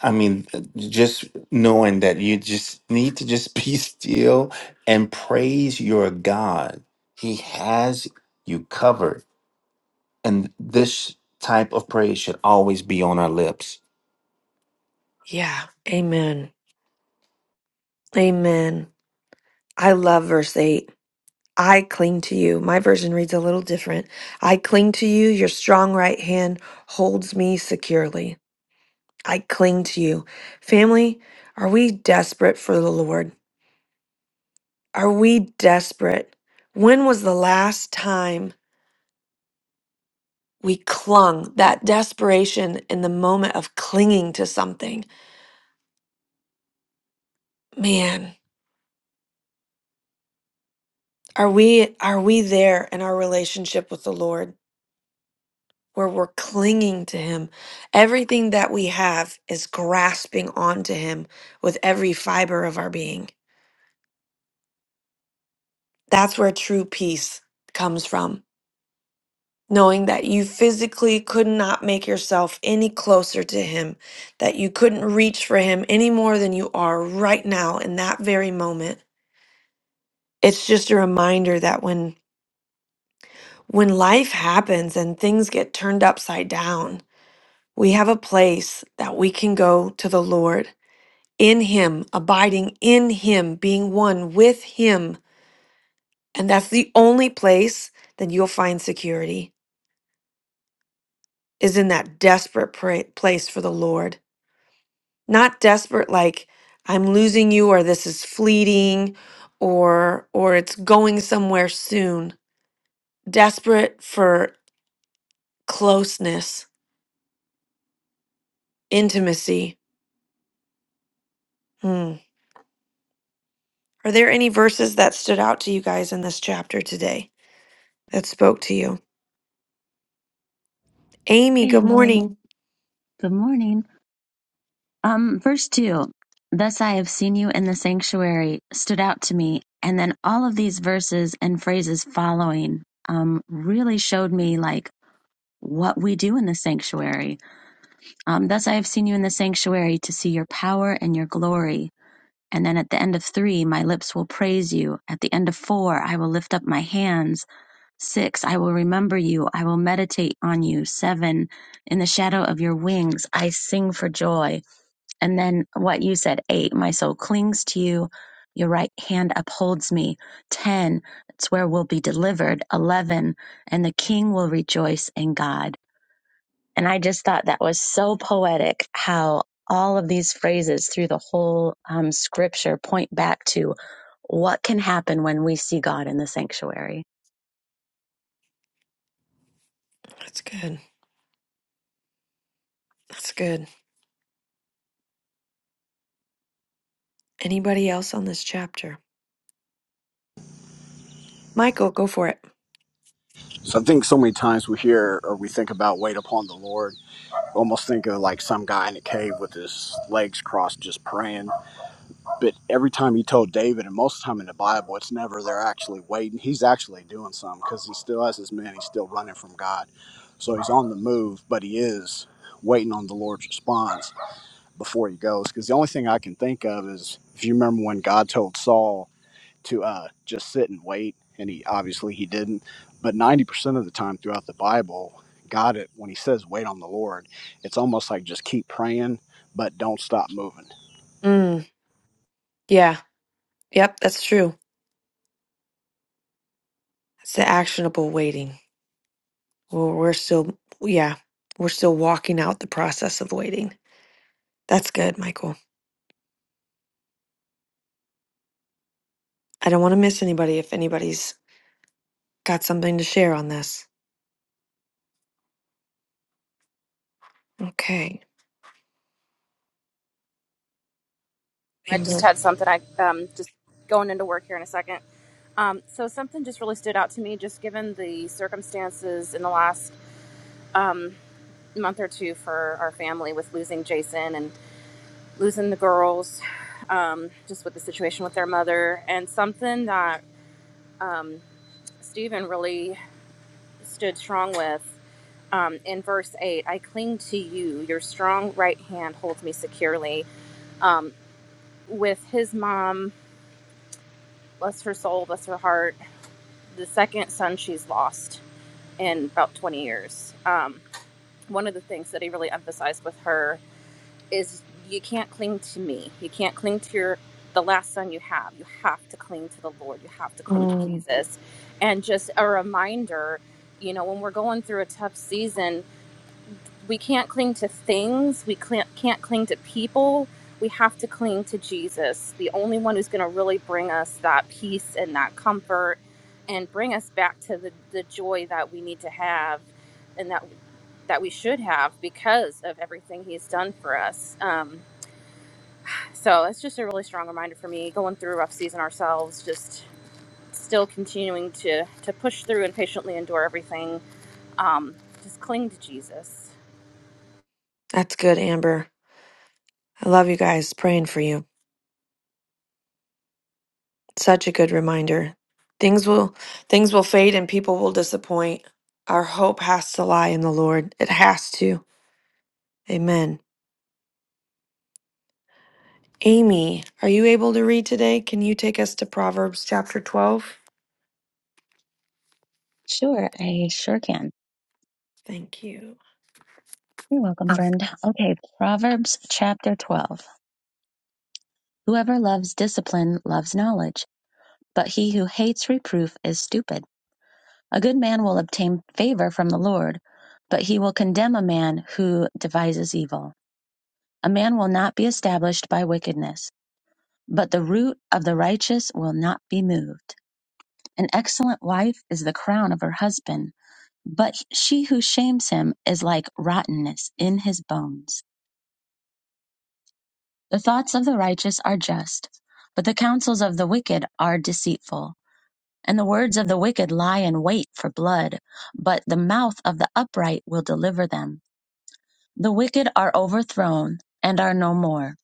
I mean, just knowing that you just need to just be still and praise your God. He has you covered. And this type of praise should always be on our lips. Yeah. Amen. Amen. I love verse 8. I cling to you. My version reads a little different. I cling to you. Your strong right hand holds me securely. I cling to you. Family, are we desperate for the Lord? Are we desperate? When was the last time we clung, that desperation in the moment of clinging to something? Man, are we are we there in our relationship with the Lord where we're clinging to him? Everything that we have is grasping onto him with every fiber of our being. That's where true peace comes from knowing that you physically could not make yourself any closer to Him, that you couldn't reach for Him any more than you are right now in that very moment. It's just a reminder that when when life happens and things get turned upside down, we have a place that we can go to the Lord in Him, abiding in Him, being one with Him. And that's the only place that you'll find security is in that desperate pra- place for the Lord not desperate like i'm losing you or this is fleeting or or it's going somewhere soon desperate for closeness intimacy Hmm. are there any verses that stood out to you guys in this chapter today that spoke to you amy Hey, good Emily. morning Good morning. Um, verse 2 Thus I have seen you in the sanctuary stood out to me. And then all of these verses and phrases following um, really showed me like what we do in the sanctuary. Um, Thus I have seen you in the sanctuary to see your power and your glory. And then at the end of three, my lips will praise you. At the end of four, I will lift up my hands. Six, I will remember you. I will meditate on you. Seven, in the shadow of your wings, I sing for joy. And then what you said, eight, my soul clings to you. Your right hand upholds me. 10, it's where we'll be delivered. 11, and the king will rejoice in God. And I just thought that was so poetic how all of these phrases through the whole um, scripture point back to what can happen when we see God in the sanctuary. that's good that's good anybody else on this chapter michael go for it so i think so many times we hear or we think about wait upon the lord almost think of like some guy in a cave with his legs crossed just praying But every time he told David, and most of the time in the Bible, it's never they're actually waiting. He's actually doing something because he still has his men. He's still running from God. So he's on the move, but he is waiting on the Lord's response before he goes. Because the only thing I can think of is if you remember when God told Saul to uh, just sit and wait, and he obviously he didn't. But 90% of the time throughout the Bible, God, it when he says wait on the Lord, it's almost like just keep praying, but don't stop moving mm, yeah yep that's true it's the actionable waiting Well, we're still, yeah, we're still walking out the process of waiting. That's good, Michael. I don't want to miss anybody if anybody's got something to share on this. Okay, I just Amber. had something. I um just going into work here in a second. Um, so something just really stood out to me, just given the circumstances in the last um, month or two for our family with losing Jason and losing the girls, um, just with the situation with their mother, and something that um, Stephen really stood strong with. Um, in verse 8, I cling to you. Your strong right hand holds me securely. Um, with his mom, bless her soul, bless her heart the second son she's lost in about 20 years. Um, one of the things that he really emphasized with her is you can't cling to me. You can't cling to your the last son you have. You have to cling to the Lord. You have to cling to Um, Jesus. And just a reminder, you know, when we're going through a tough season, we can't cling to things we cl- can't cling to people we have to cling to jesus the only one who's going to really bring us that peace and that comfort and bring us back to the, the joy that we need to have and that that we should have because of everything he's done for us um, so it's just a really strong reminder for me going through a rough season ourselves just still continuing to to push through and patiently endure everything um, just cling to jesus that's good, Amber. I love you guys. Praying for you. Such a good reminder. Things will things will fade and people will disappoint. Our hope has to lie in the Lord. It has to. Amen. Amy, are you able to read today? Can you take us to Proverbs chapter 12? Sure, I sure can. Thank you. You're welcome, friend. Okay, Proverbs chapter 12. Whoever loves discipline loves knowledge But he who hates reproof is stupid. A good man will obtain favor from the Lord, but he will condemn a man who devises evil. A man will not be established by wickedness, but the root of the righteous will not be moved. An excellent wife is the crown of her husband, but she who shames him is like rottenness in his bones. The thoughts of the righteous are just, but the counsels of the wicked are deceitful. And the words of the wicked lie in wait for blood, but the mouth of the upright will deliver them. The wicked are overthrown and are no more,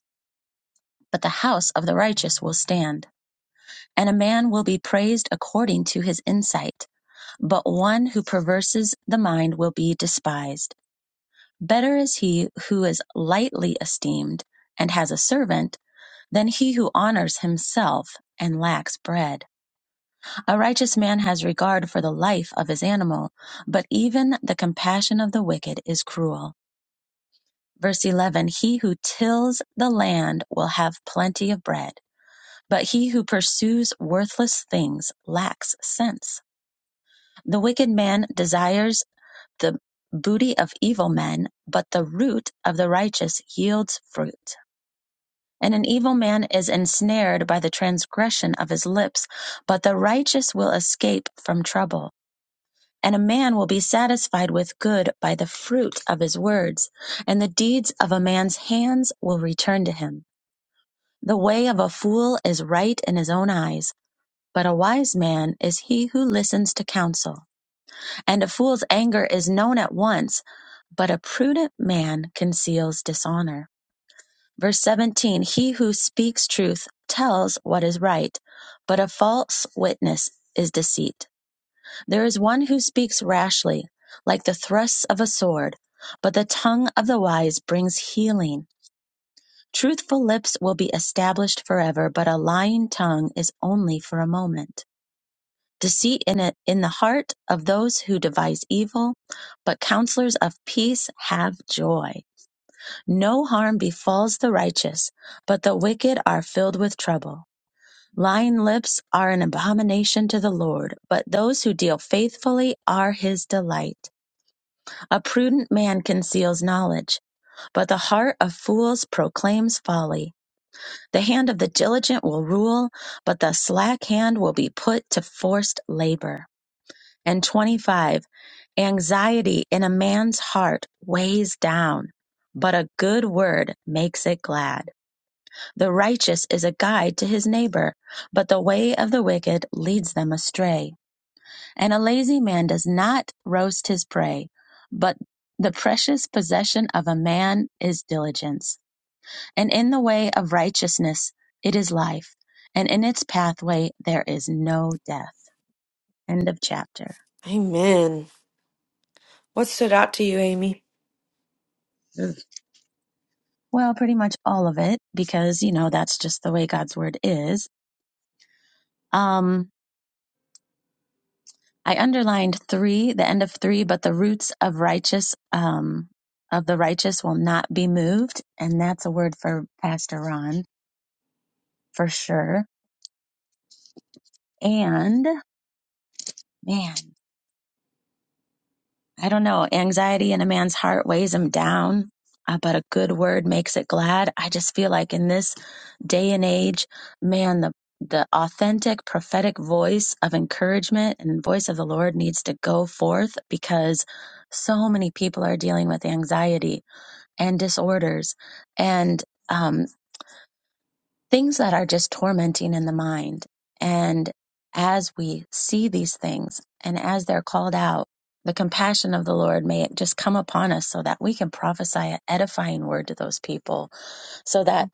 but the house of the righteous will stand. And a man will be praised according to his insight, but one who perverses the mind will be despised. Better is he who is lightly esteemed and has a servant than he who honors himself and lacks bread. A righteous man has regard for the life of his animal, but even the compassion of the wicked is cruel. Verse 11 He who tills the land will have plenty of bread, but he who pursues worthless things lacks sense. The wicked man desires the booty of evil men, but the root of the righteous yields fruit. And an evil man is ensnared by the transgression of his lips, but the righteous will escape from trouble. And a man will be satisfied with good by the fruit of his words, and the deeds of a man's hands will return to him. The way of a fool is right in his own eyes, but a wise man is he who listens to counsel. And a fool's anger is known at once, but a prudent man conceals dishonor. Verse 17 He who speaks truth tells what is right, but a false witness is deceit. There is one who speaks rashly, like the thrusts of a sword, but the tongue of the wise brings healing. Truthful lips will be established forever, but a lying tongue is only for a moment. Deceit in it in the heart of those who devise evil, but counselors of peace have joy. No harm befalls the righteous, but the wicked are filled with trouble. Lying lips are an abomination to the Lord, but those who deal faithfully are his delight. A prudent man conceals knowledge, but the heart of fools proclaims folly. The hand of the diligent will rule, but the slack hand will be put to forced labor. And 25, anxiety in a man's heart weighs down, but a good word makes it glad. The righteous is a guide to his neighbor, but the way of the wicked leads them astray. And a lazy man does not roast his prey, but the precious possession of a man is diligence. And in the way of righteousness it is life, and in its pathway there is no death. End of chapter. Amen. What stood out to you, Amy? Yes. Well, pretty much all of it, because, you know, that's just the way God's word is. Um, I underlined three, the end of three, but the roots of righteous, um, of the righteous will not be moved. And that's a word for Pastor Ron for sure. And man, I don't know, anxiety in a man's heart weighs him down, uh, but a good word makes it glad. I just feel like in this day and age, man, the the authentic prophetic voice of encouragement and voice of the Lord needs to go forth because so many people are dealing with anxiety and disorders and um, things that are just tormenting in the mind. And as we see these things and as they're called out, the compassion of the Lord may just come upon us so that we can prophesy an edifying word to those people so that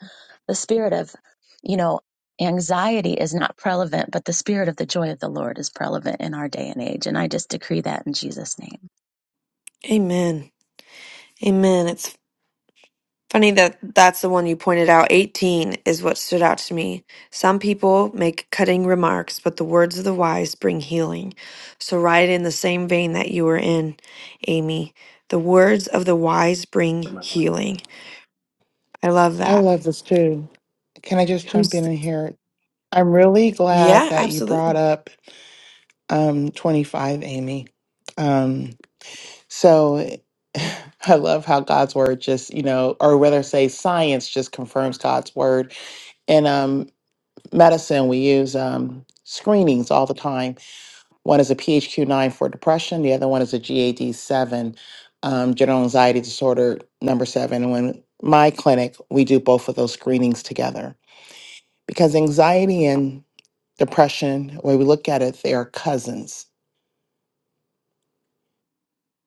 the spirit of, you know, anxiety is not prevalent, but the spirit of the joy of the Lord is prevalent in our day and age. And I just decree that in Jesus' name. Amen. Amen. It's Funny that that's the one you pointed out. 18 is what stood out to me. Some people make cutting remarks, but the words of the wise bring healing. So, right in the same vein that you were in, Amy, the words of the wise bring healing. I love I that. love this too. Can I just jump Who's, in and hear it? I'm really glad yeah, that you brought absolutely. up um 25, Amy. Um so I love how God's word just, you know, or whether say science just confirms God's word. And um medicine we use um screenings all the time One is a PHQ-9 for depression. The other one is a GAD-7, um, general anxiety disorder number seven. And when my clinic, we do both of those screenings together because anxiety and depression, when we look at it, they are cousins.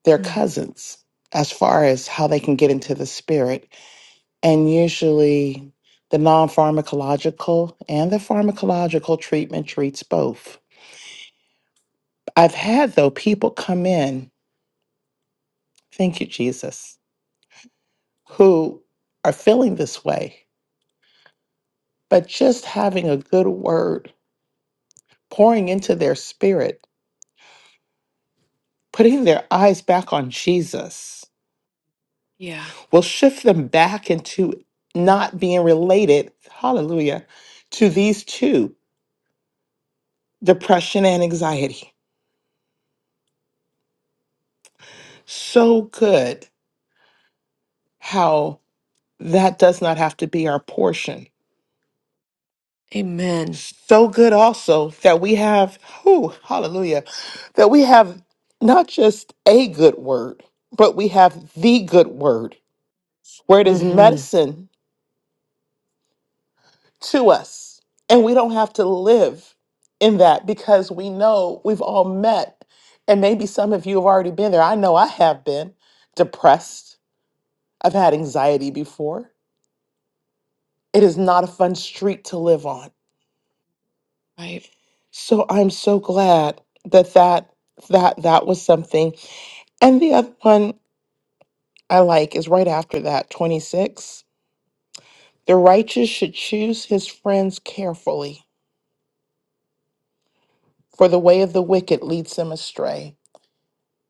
They're Mm, cousins as far as how they can get into the spirit. And usually, the non-pharmacological and the pharmacological treatment treats both. I've had though people come in. Thank you, Jesus who are feeling this way, but just having a good word, pouring into their spirit, putting their eyes back on Jesus yeah. will shift them back into not being related, hallelujah, to these two depression and anxiety. So good how that does not have to be our portion Amen. so good also that we have who hallelujah that we have not just a good word but we have the good word where it is hmm medicine to us and we don't have to live in that because we know we've all met and maybe some of you have already been there i know i have been depressed i've had anxiety before it is not a fun street to live on Right. so i'm so glad that that that that was something And the other one I like is right after that, 26. The righteous should choose his friends carefully, for the way of the wicked leads them astray.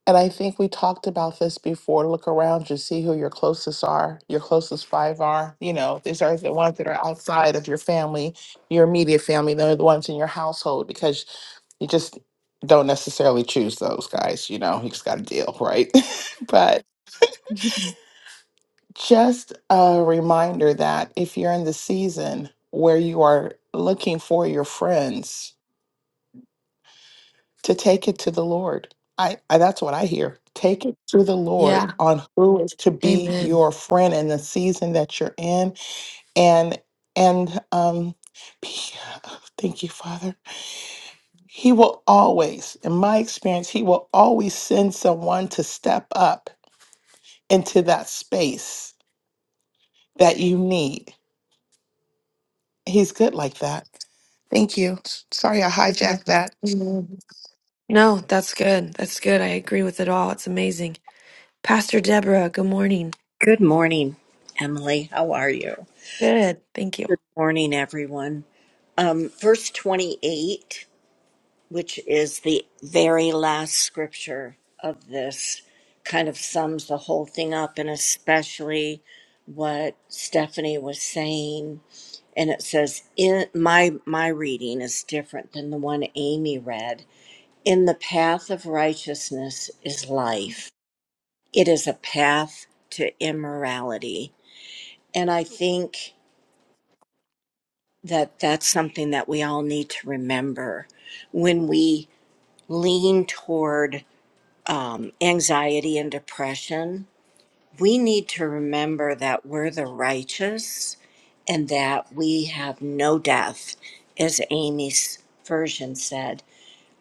And I think we talked about this before. Look around you, see who your closest are, your closest five are. You know, these are the ones that are outside of your family, your immediate family. They're the ones in your household because you just don't necessarily choose those guys. You know, you just got to deal, right? But. Just a reminder that if you're in the season where you are looking for your friends, to take it to the Lord. I, I that's what I hear. Take it to the Lord yeah. on who is to be Amen. your friend in the season that you're in, and and um, be- thank you, Father. He will always, in my experience, he will always send someone to step up into that space that you need He's good like that. Thank you. Sorry I hijacked that. Amen. No, that's good. That's good. I agree with it all. It's amazing. Pastor Deborah, good morning. Good morning, Emily. How are you? Good. Thank you. Good morning, everyone. Um, verse 28, which is the very last scripture of this, kind of sums the whole thing up, and especially what Stephanie was saying. And it says, in, my, my reading is different than the one Amy read. In the path of righteousness is life, it is a path to immorality. And I think. that that's something that we all need to remember when we lean toward um, anxiety and depression we need to remember that we're the righteous and that we have no death as amy's version said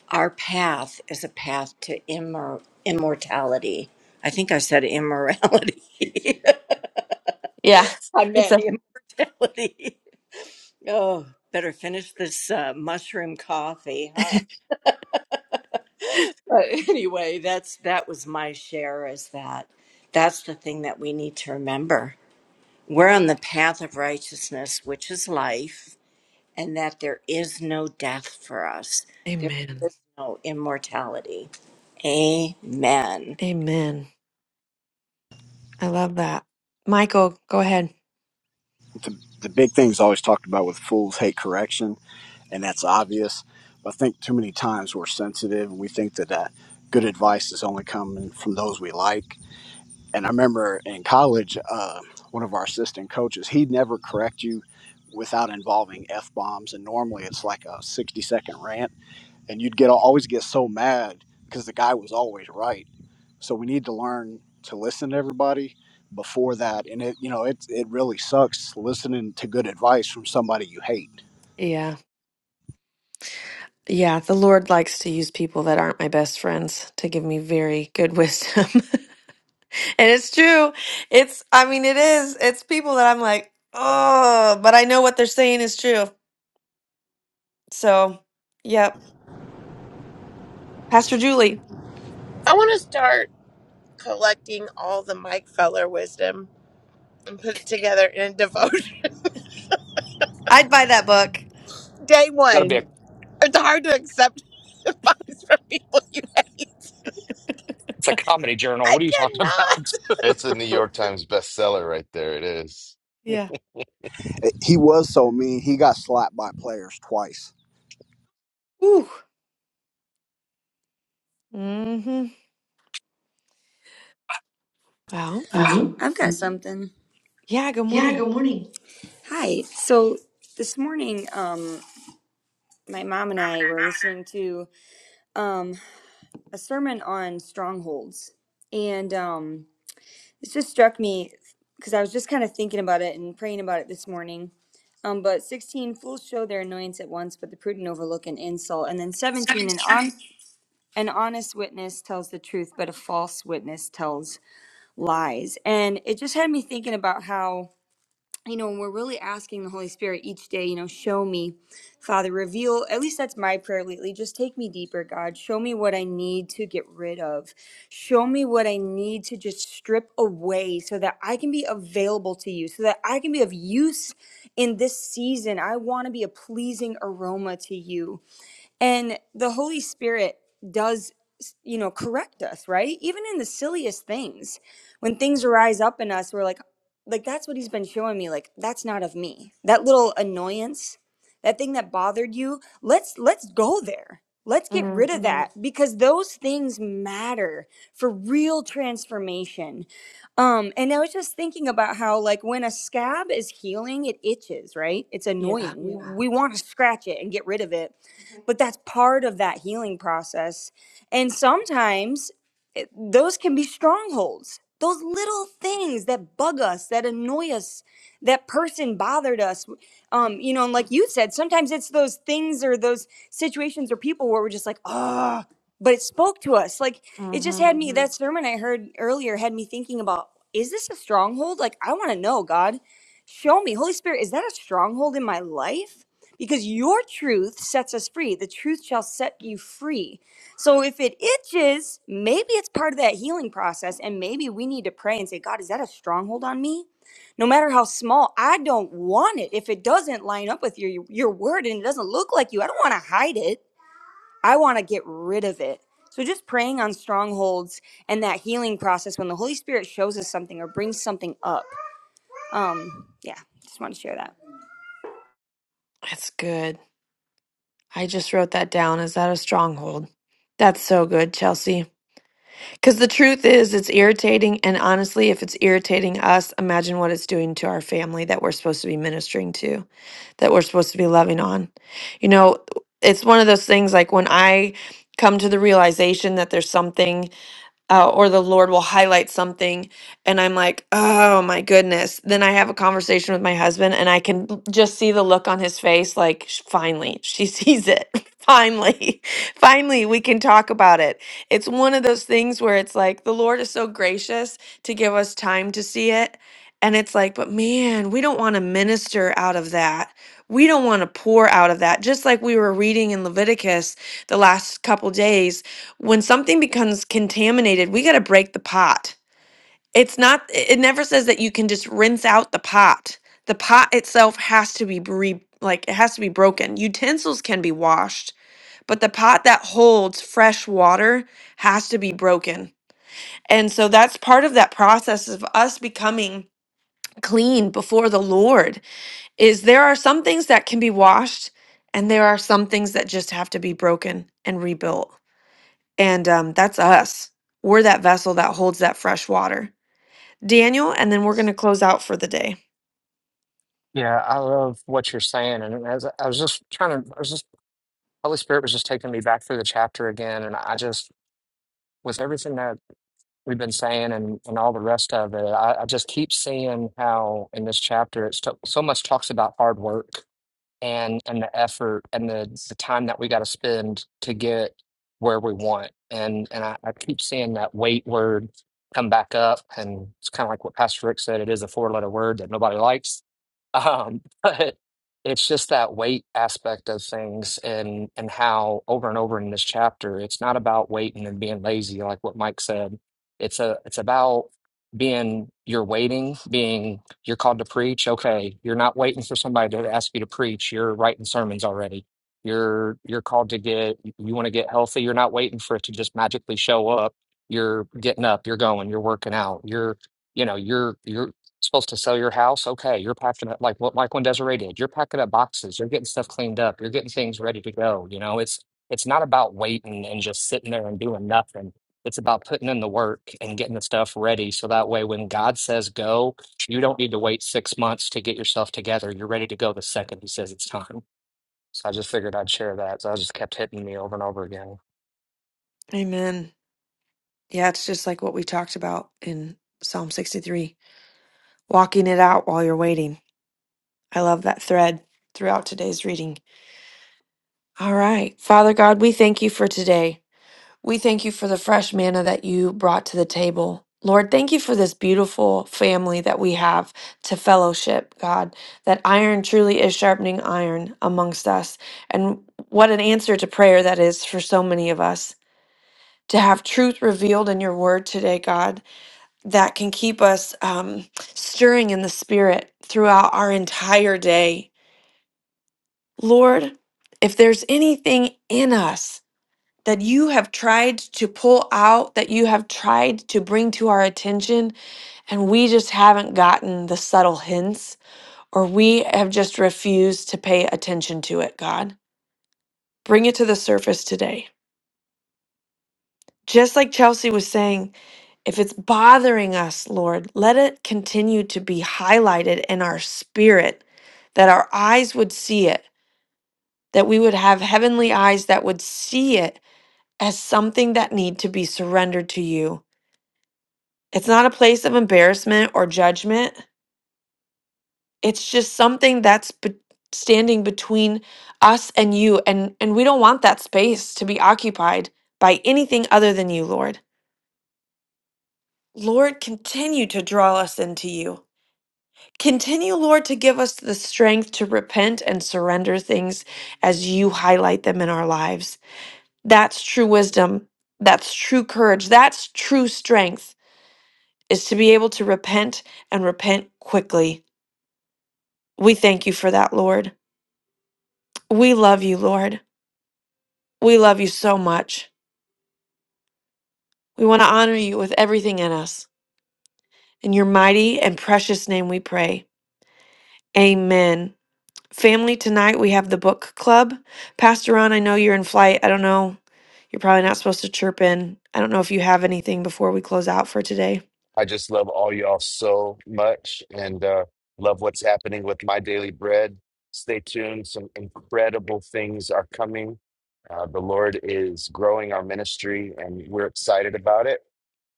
our path is a path to immor- immortality i think i said immorality Yeah. i It's meant a immortality oh better finish this uh, mushroom coffee huh? But anyway, that's that was my share is that that's the thing that we need to remember. We're on the path of righteousness, which is life, and that there is no death for us. There Amen. is no immortality. Amen. Amen. I love that. Michael, go ahead. the, the big thing's always talked about with fools hate correction, and that's obvious. But I think too many times we're sensitive and we think that uh, good advice is only coming from those we like. And I remember in college, uh, one of our assistant coaches, he'd never correct you without involving F bombs. And normally it's like a 60 second rant and you'd get always get so mad because the guy was always right. So we need to learn to listen to everybody before that, and it you know it it really sucks listening to good advice from somebody you hate. Yeah. Yeah, the Lord likes to use people that aren't my best friends to give me very good wisdom. and it's true. It's I mean it is. It's people that I'm like, "Oh, but I know what they're saying is true." So, yep. Pastor Julie, I want to start collecting all the Mike Feller wisdom and put it together in a devotion. I'd buy that book. Day That'll be one. a It's hard to accept advice from people you hate. it's a comedy journal. I What are you talking cannot. about? It's a New York Times bestseller right there. It is. Yeah. He was so mean. He got slapped by players twice. Ooh. Mhm. Well, Uh-huh. I've got something. yeah, good Yeah, morning. good morning. Hi. So this morning, um, my mom and I were listening to um, a sermon on strongholds, and um, it just struck me because I was just kind of thinking about it and praying about it this morning. Um, but sixteen fools show their annoyance at once, but the prudent overlook an insult. And then seventeen, an 17. on an honest witness tells the truth, but a false witness tells lies. And it just had me thinking about how. you know, and we're really asking the Holy Spirit each day, you know, show me, Father, reveal, at least that's my prayer lately. Just take me deeper, God. Show me what I need to get rid of. Show me what I need to just strip away so that I can be available to you, so that I can be of use in this season. I want to be a pleasing aroma to you. And the Holy Spirit does, you know, correct us, right? Even in the silliest things, when things rise up in us, we're like, like that's what he's been showing me. Like that's not of me. That little annoyance, that thing that bothered you. Let's let's go there. Let's get Mm, rid of Mm, that because those things matter for real transformation. Um, and I was just thinking about how, like, when a scab is healing, it itches, right? It's yeah. annoying. We yeah. we want to scratch it and get rid of it but that's part of that healing process. And sometimes those can be strongholds. Those little things that bug us, that annoy us, that person bothered us. Um, you know, and like you said, sometimes it's those things or those situations or people where we're just like, ah, but it spoke to us. Like it just hmm had me, hmm that sermon I heard earlier had me thinking about, is this a stronghold? Like, I want to know, God, show me. Holy Spirit, is that a stronghold in my life? Because your truth sets us free. The truth shall set you free so if it itches, maybe it's part of that healing process. And maybe we need to pray and say, God, is that a stronghold on me? No matter how small, I don't want it. If it doesn't line up with your, your word and it doesn't look like you, I don't want to hide it. I want to get rid of it. So just praying on strongholds and that healing process when the Holy Spirit shows us something or brings something up. Um, yeah, just want to share that. That's good. I just wrote that down. Is that a stronghold? That's so good, Chelsea. Because the truth is, it's irritating. And honestly, if it's irritating us, imagine what it's doing to our family that we're supposed to be ministering to, that we're supposed to be loving on. You know, it's one of those things like when I come to the realization that there's something. uh, or the Lord will highlight something, and I'm like, oh my goodness. Then I have a conversation with my husband, and I can l- just see the look on his face like, "Sh- finally, she sees it. finally, finally, we can talk about it. It's one of those things where it's like, the Lord is so gracious to give us time to see it. And it's like, but man, we don't want to minister out of that. We don't want to pour out of that. Just like we were reading in Leviticus the last couple days when something becomes contaminated, we got to break the pot. It's not, it never says that you can just rinse out the pot. The pot itself has to be re, like, it has to be broken. Utensils can be washed, but the pot that holds fresh water has to be broken. And so that's part of that process of us becoming clean before the Lord is there are some things that can be washed and there are some things that just have to be broken and rebuilt. And um, that's us. We're that vessel that holds that fresh water. Daniel, and then we're going to close out for the day. Yeah, I love what you're saying, and as I I was just trying to, I was just Holy Spirit was just taking me back through the chapter again, and I just with everything that. we've been saying and, and all the rest of it. I, I just keep seeing how in this chapter it's t- so much talks about hard work and and the effort and the the time that we got to spend to get where we want. And and I, I keep seeing that wait word come back up, and it's kind of like what Pastor Rick said. It is a four letter word that nobody likes, um, but it's just that wait aspect of things, and and how over and over in this chapter, it's not about waiting and being lazy, like what Mike said. It's a it's about being you're waiting, being you're called to preach. Okay. You're not waiting for somebody to ask you to preach. You're writing sermons already. You're you're called to get you want to get healthy. You're not waiting for it to just magically show up. You're getting up, you're going, you're working out. You're you know, you're you're supposed to sell your house. Okay. You're packing up like what Michael and Desiree did. You're packing up boxes. You're getting stuff cleaned up. You're getting things ready to go. You know, it's it's not about waiting and just sitting there and doing nothing. It's about putting in the work and getting the stuff ready so that way when God says go, you don't need to wait six months to get yourself together. You're ready to go the second he says it's time. So I just figured I'd share that. So I just kept hitting me over and over again. Amen. Yeah, it's just like what we talked about in Psalm 63 walking it out while you're waiting. I love that thread throughout today's reading. All right. Father God, we thank you for today. We thank you for the fresh manna that you brought to the table. Lord, thank you for this beautiful family that we have to fellowship, God, that iron truly is sharpening iron amongst us. And what an answer to prayer that is for so many of us. To have truth revealed in your word today, God, that can keep us um, stirring in the spirit throughout our entire day Lord, if there's anything in us that you have tried to pull out, that you have tried to bring to our attention, and we just haven't gotten the subtle hints, or we have just refused to pay attention to it, God, bring it to the surface today. Just like Chelsea was saying, if it's bothering us, Lord, let it continue to be highlighted in our spirit, that our eyes would see it, that we would have heavenly eyes that would see it as something that need to be surrendered to you. It's not a place of embarrassment or judgment. It's just something that's be- standing between us and you and and we don't want that space to be occupied by anything other than you, Lord. Lord, continue to draw us into you. Continue, Lord, to give us the strength to repent and surrender things as you highlight them in our lives. That's true wisdom. That's true courage. That's true strength is to be able to repent and repent quickly. We thank you for that, Lord. We love you, Lord. We love you so much. We want to honor you with everything in us. In your mighty and precious name we pray. Amen. Family, tonight we have the book club. Pastor Ron, I know you're in flight. I don't know. You're probably not supposed to chirp in. I don't know if you have anything before we close out for today. I just love all y'all so much and uh, love what's happening with My Daily Bread. Stay tuned. Some incredible things are coming. Uh, the Lord is growing our ministry and we're excited about it.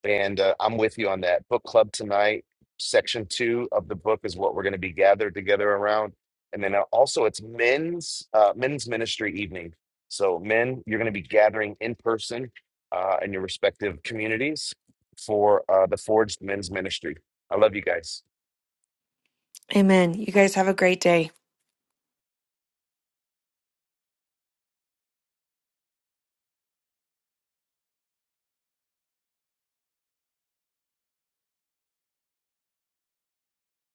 And uh, I'm with you on that. Book club tonight, section two of the book is what we're going to be gathered together around. And then uh, also it's men's uh, men's ministry evening. So men, you're going to be gathering in person uh, in your respective communities for uh, the Forged Men's Ministry. I love you guys. Amen. You guys have a great day.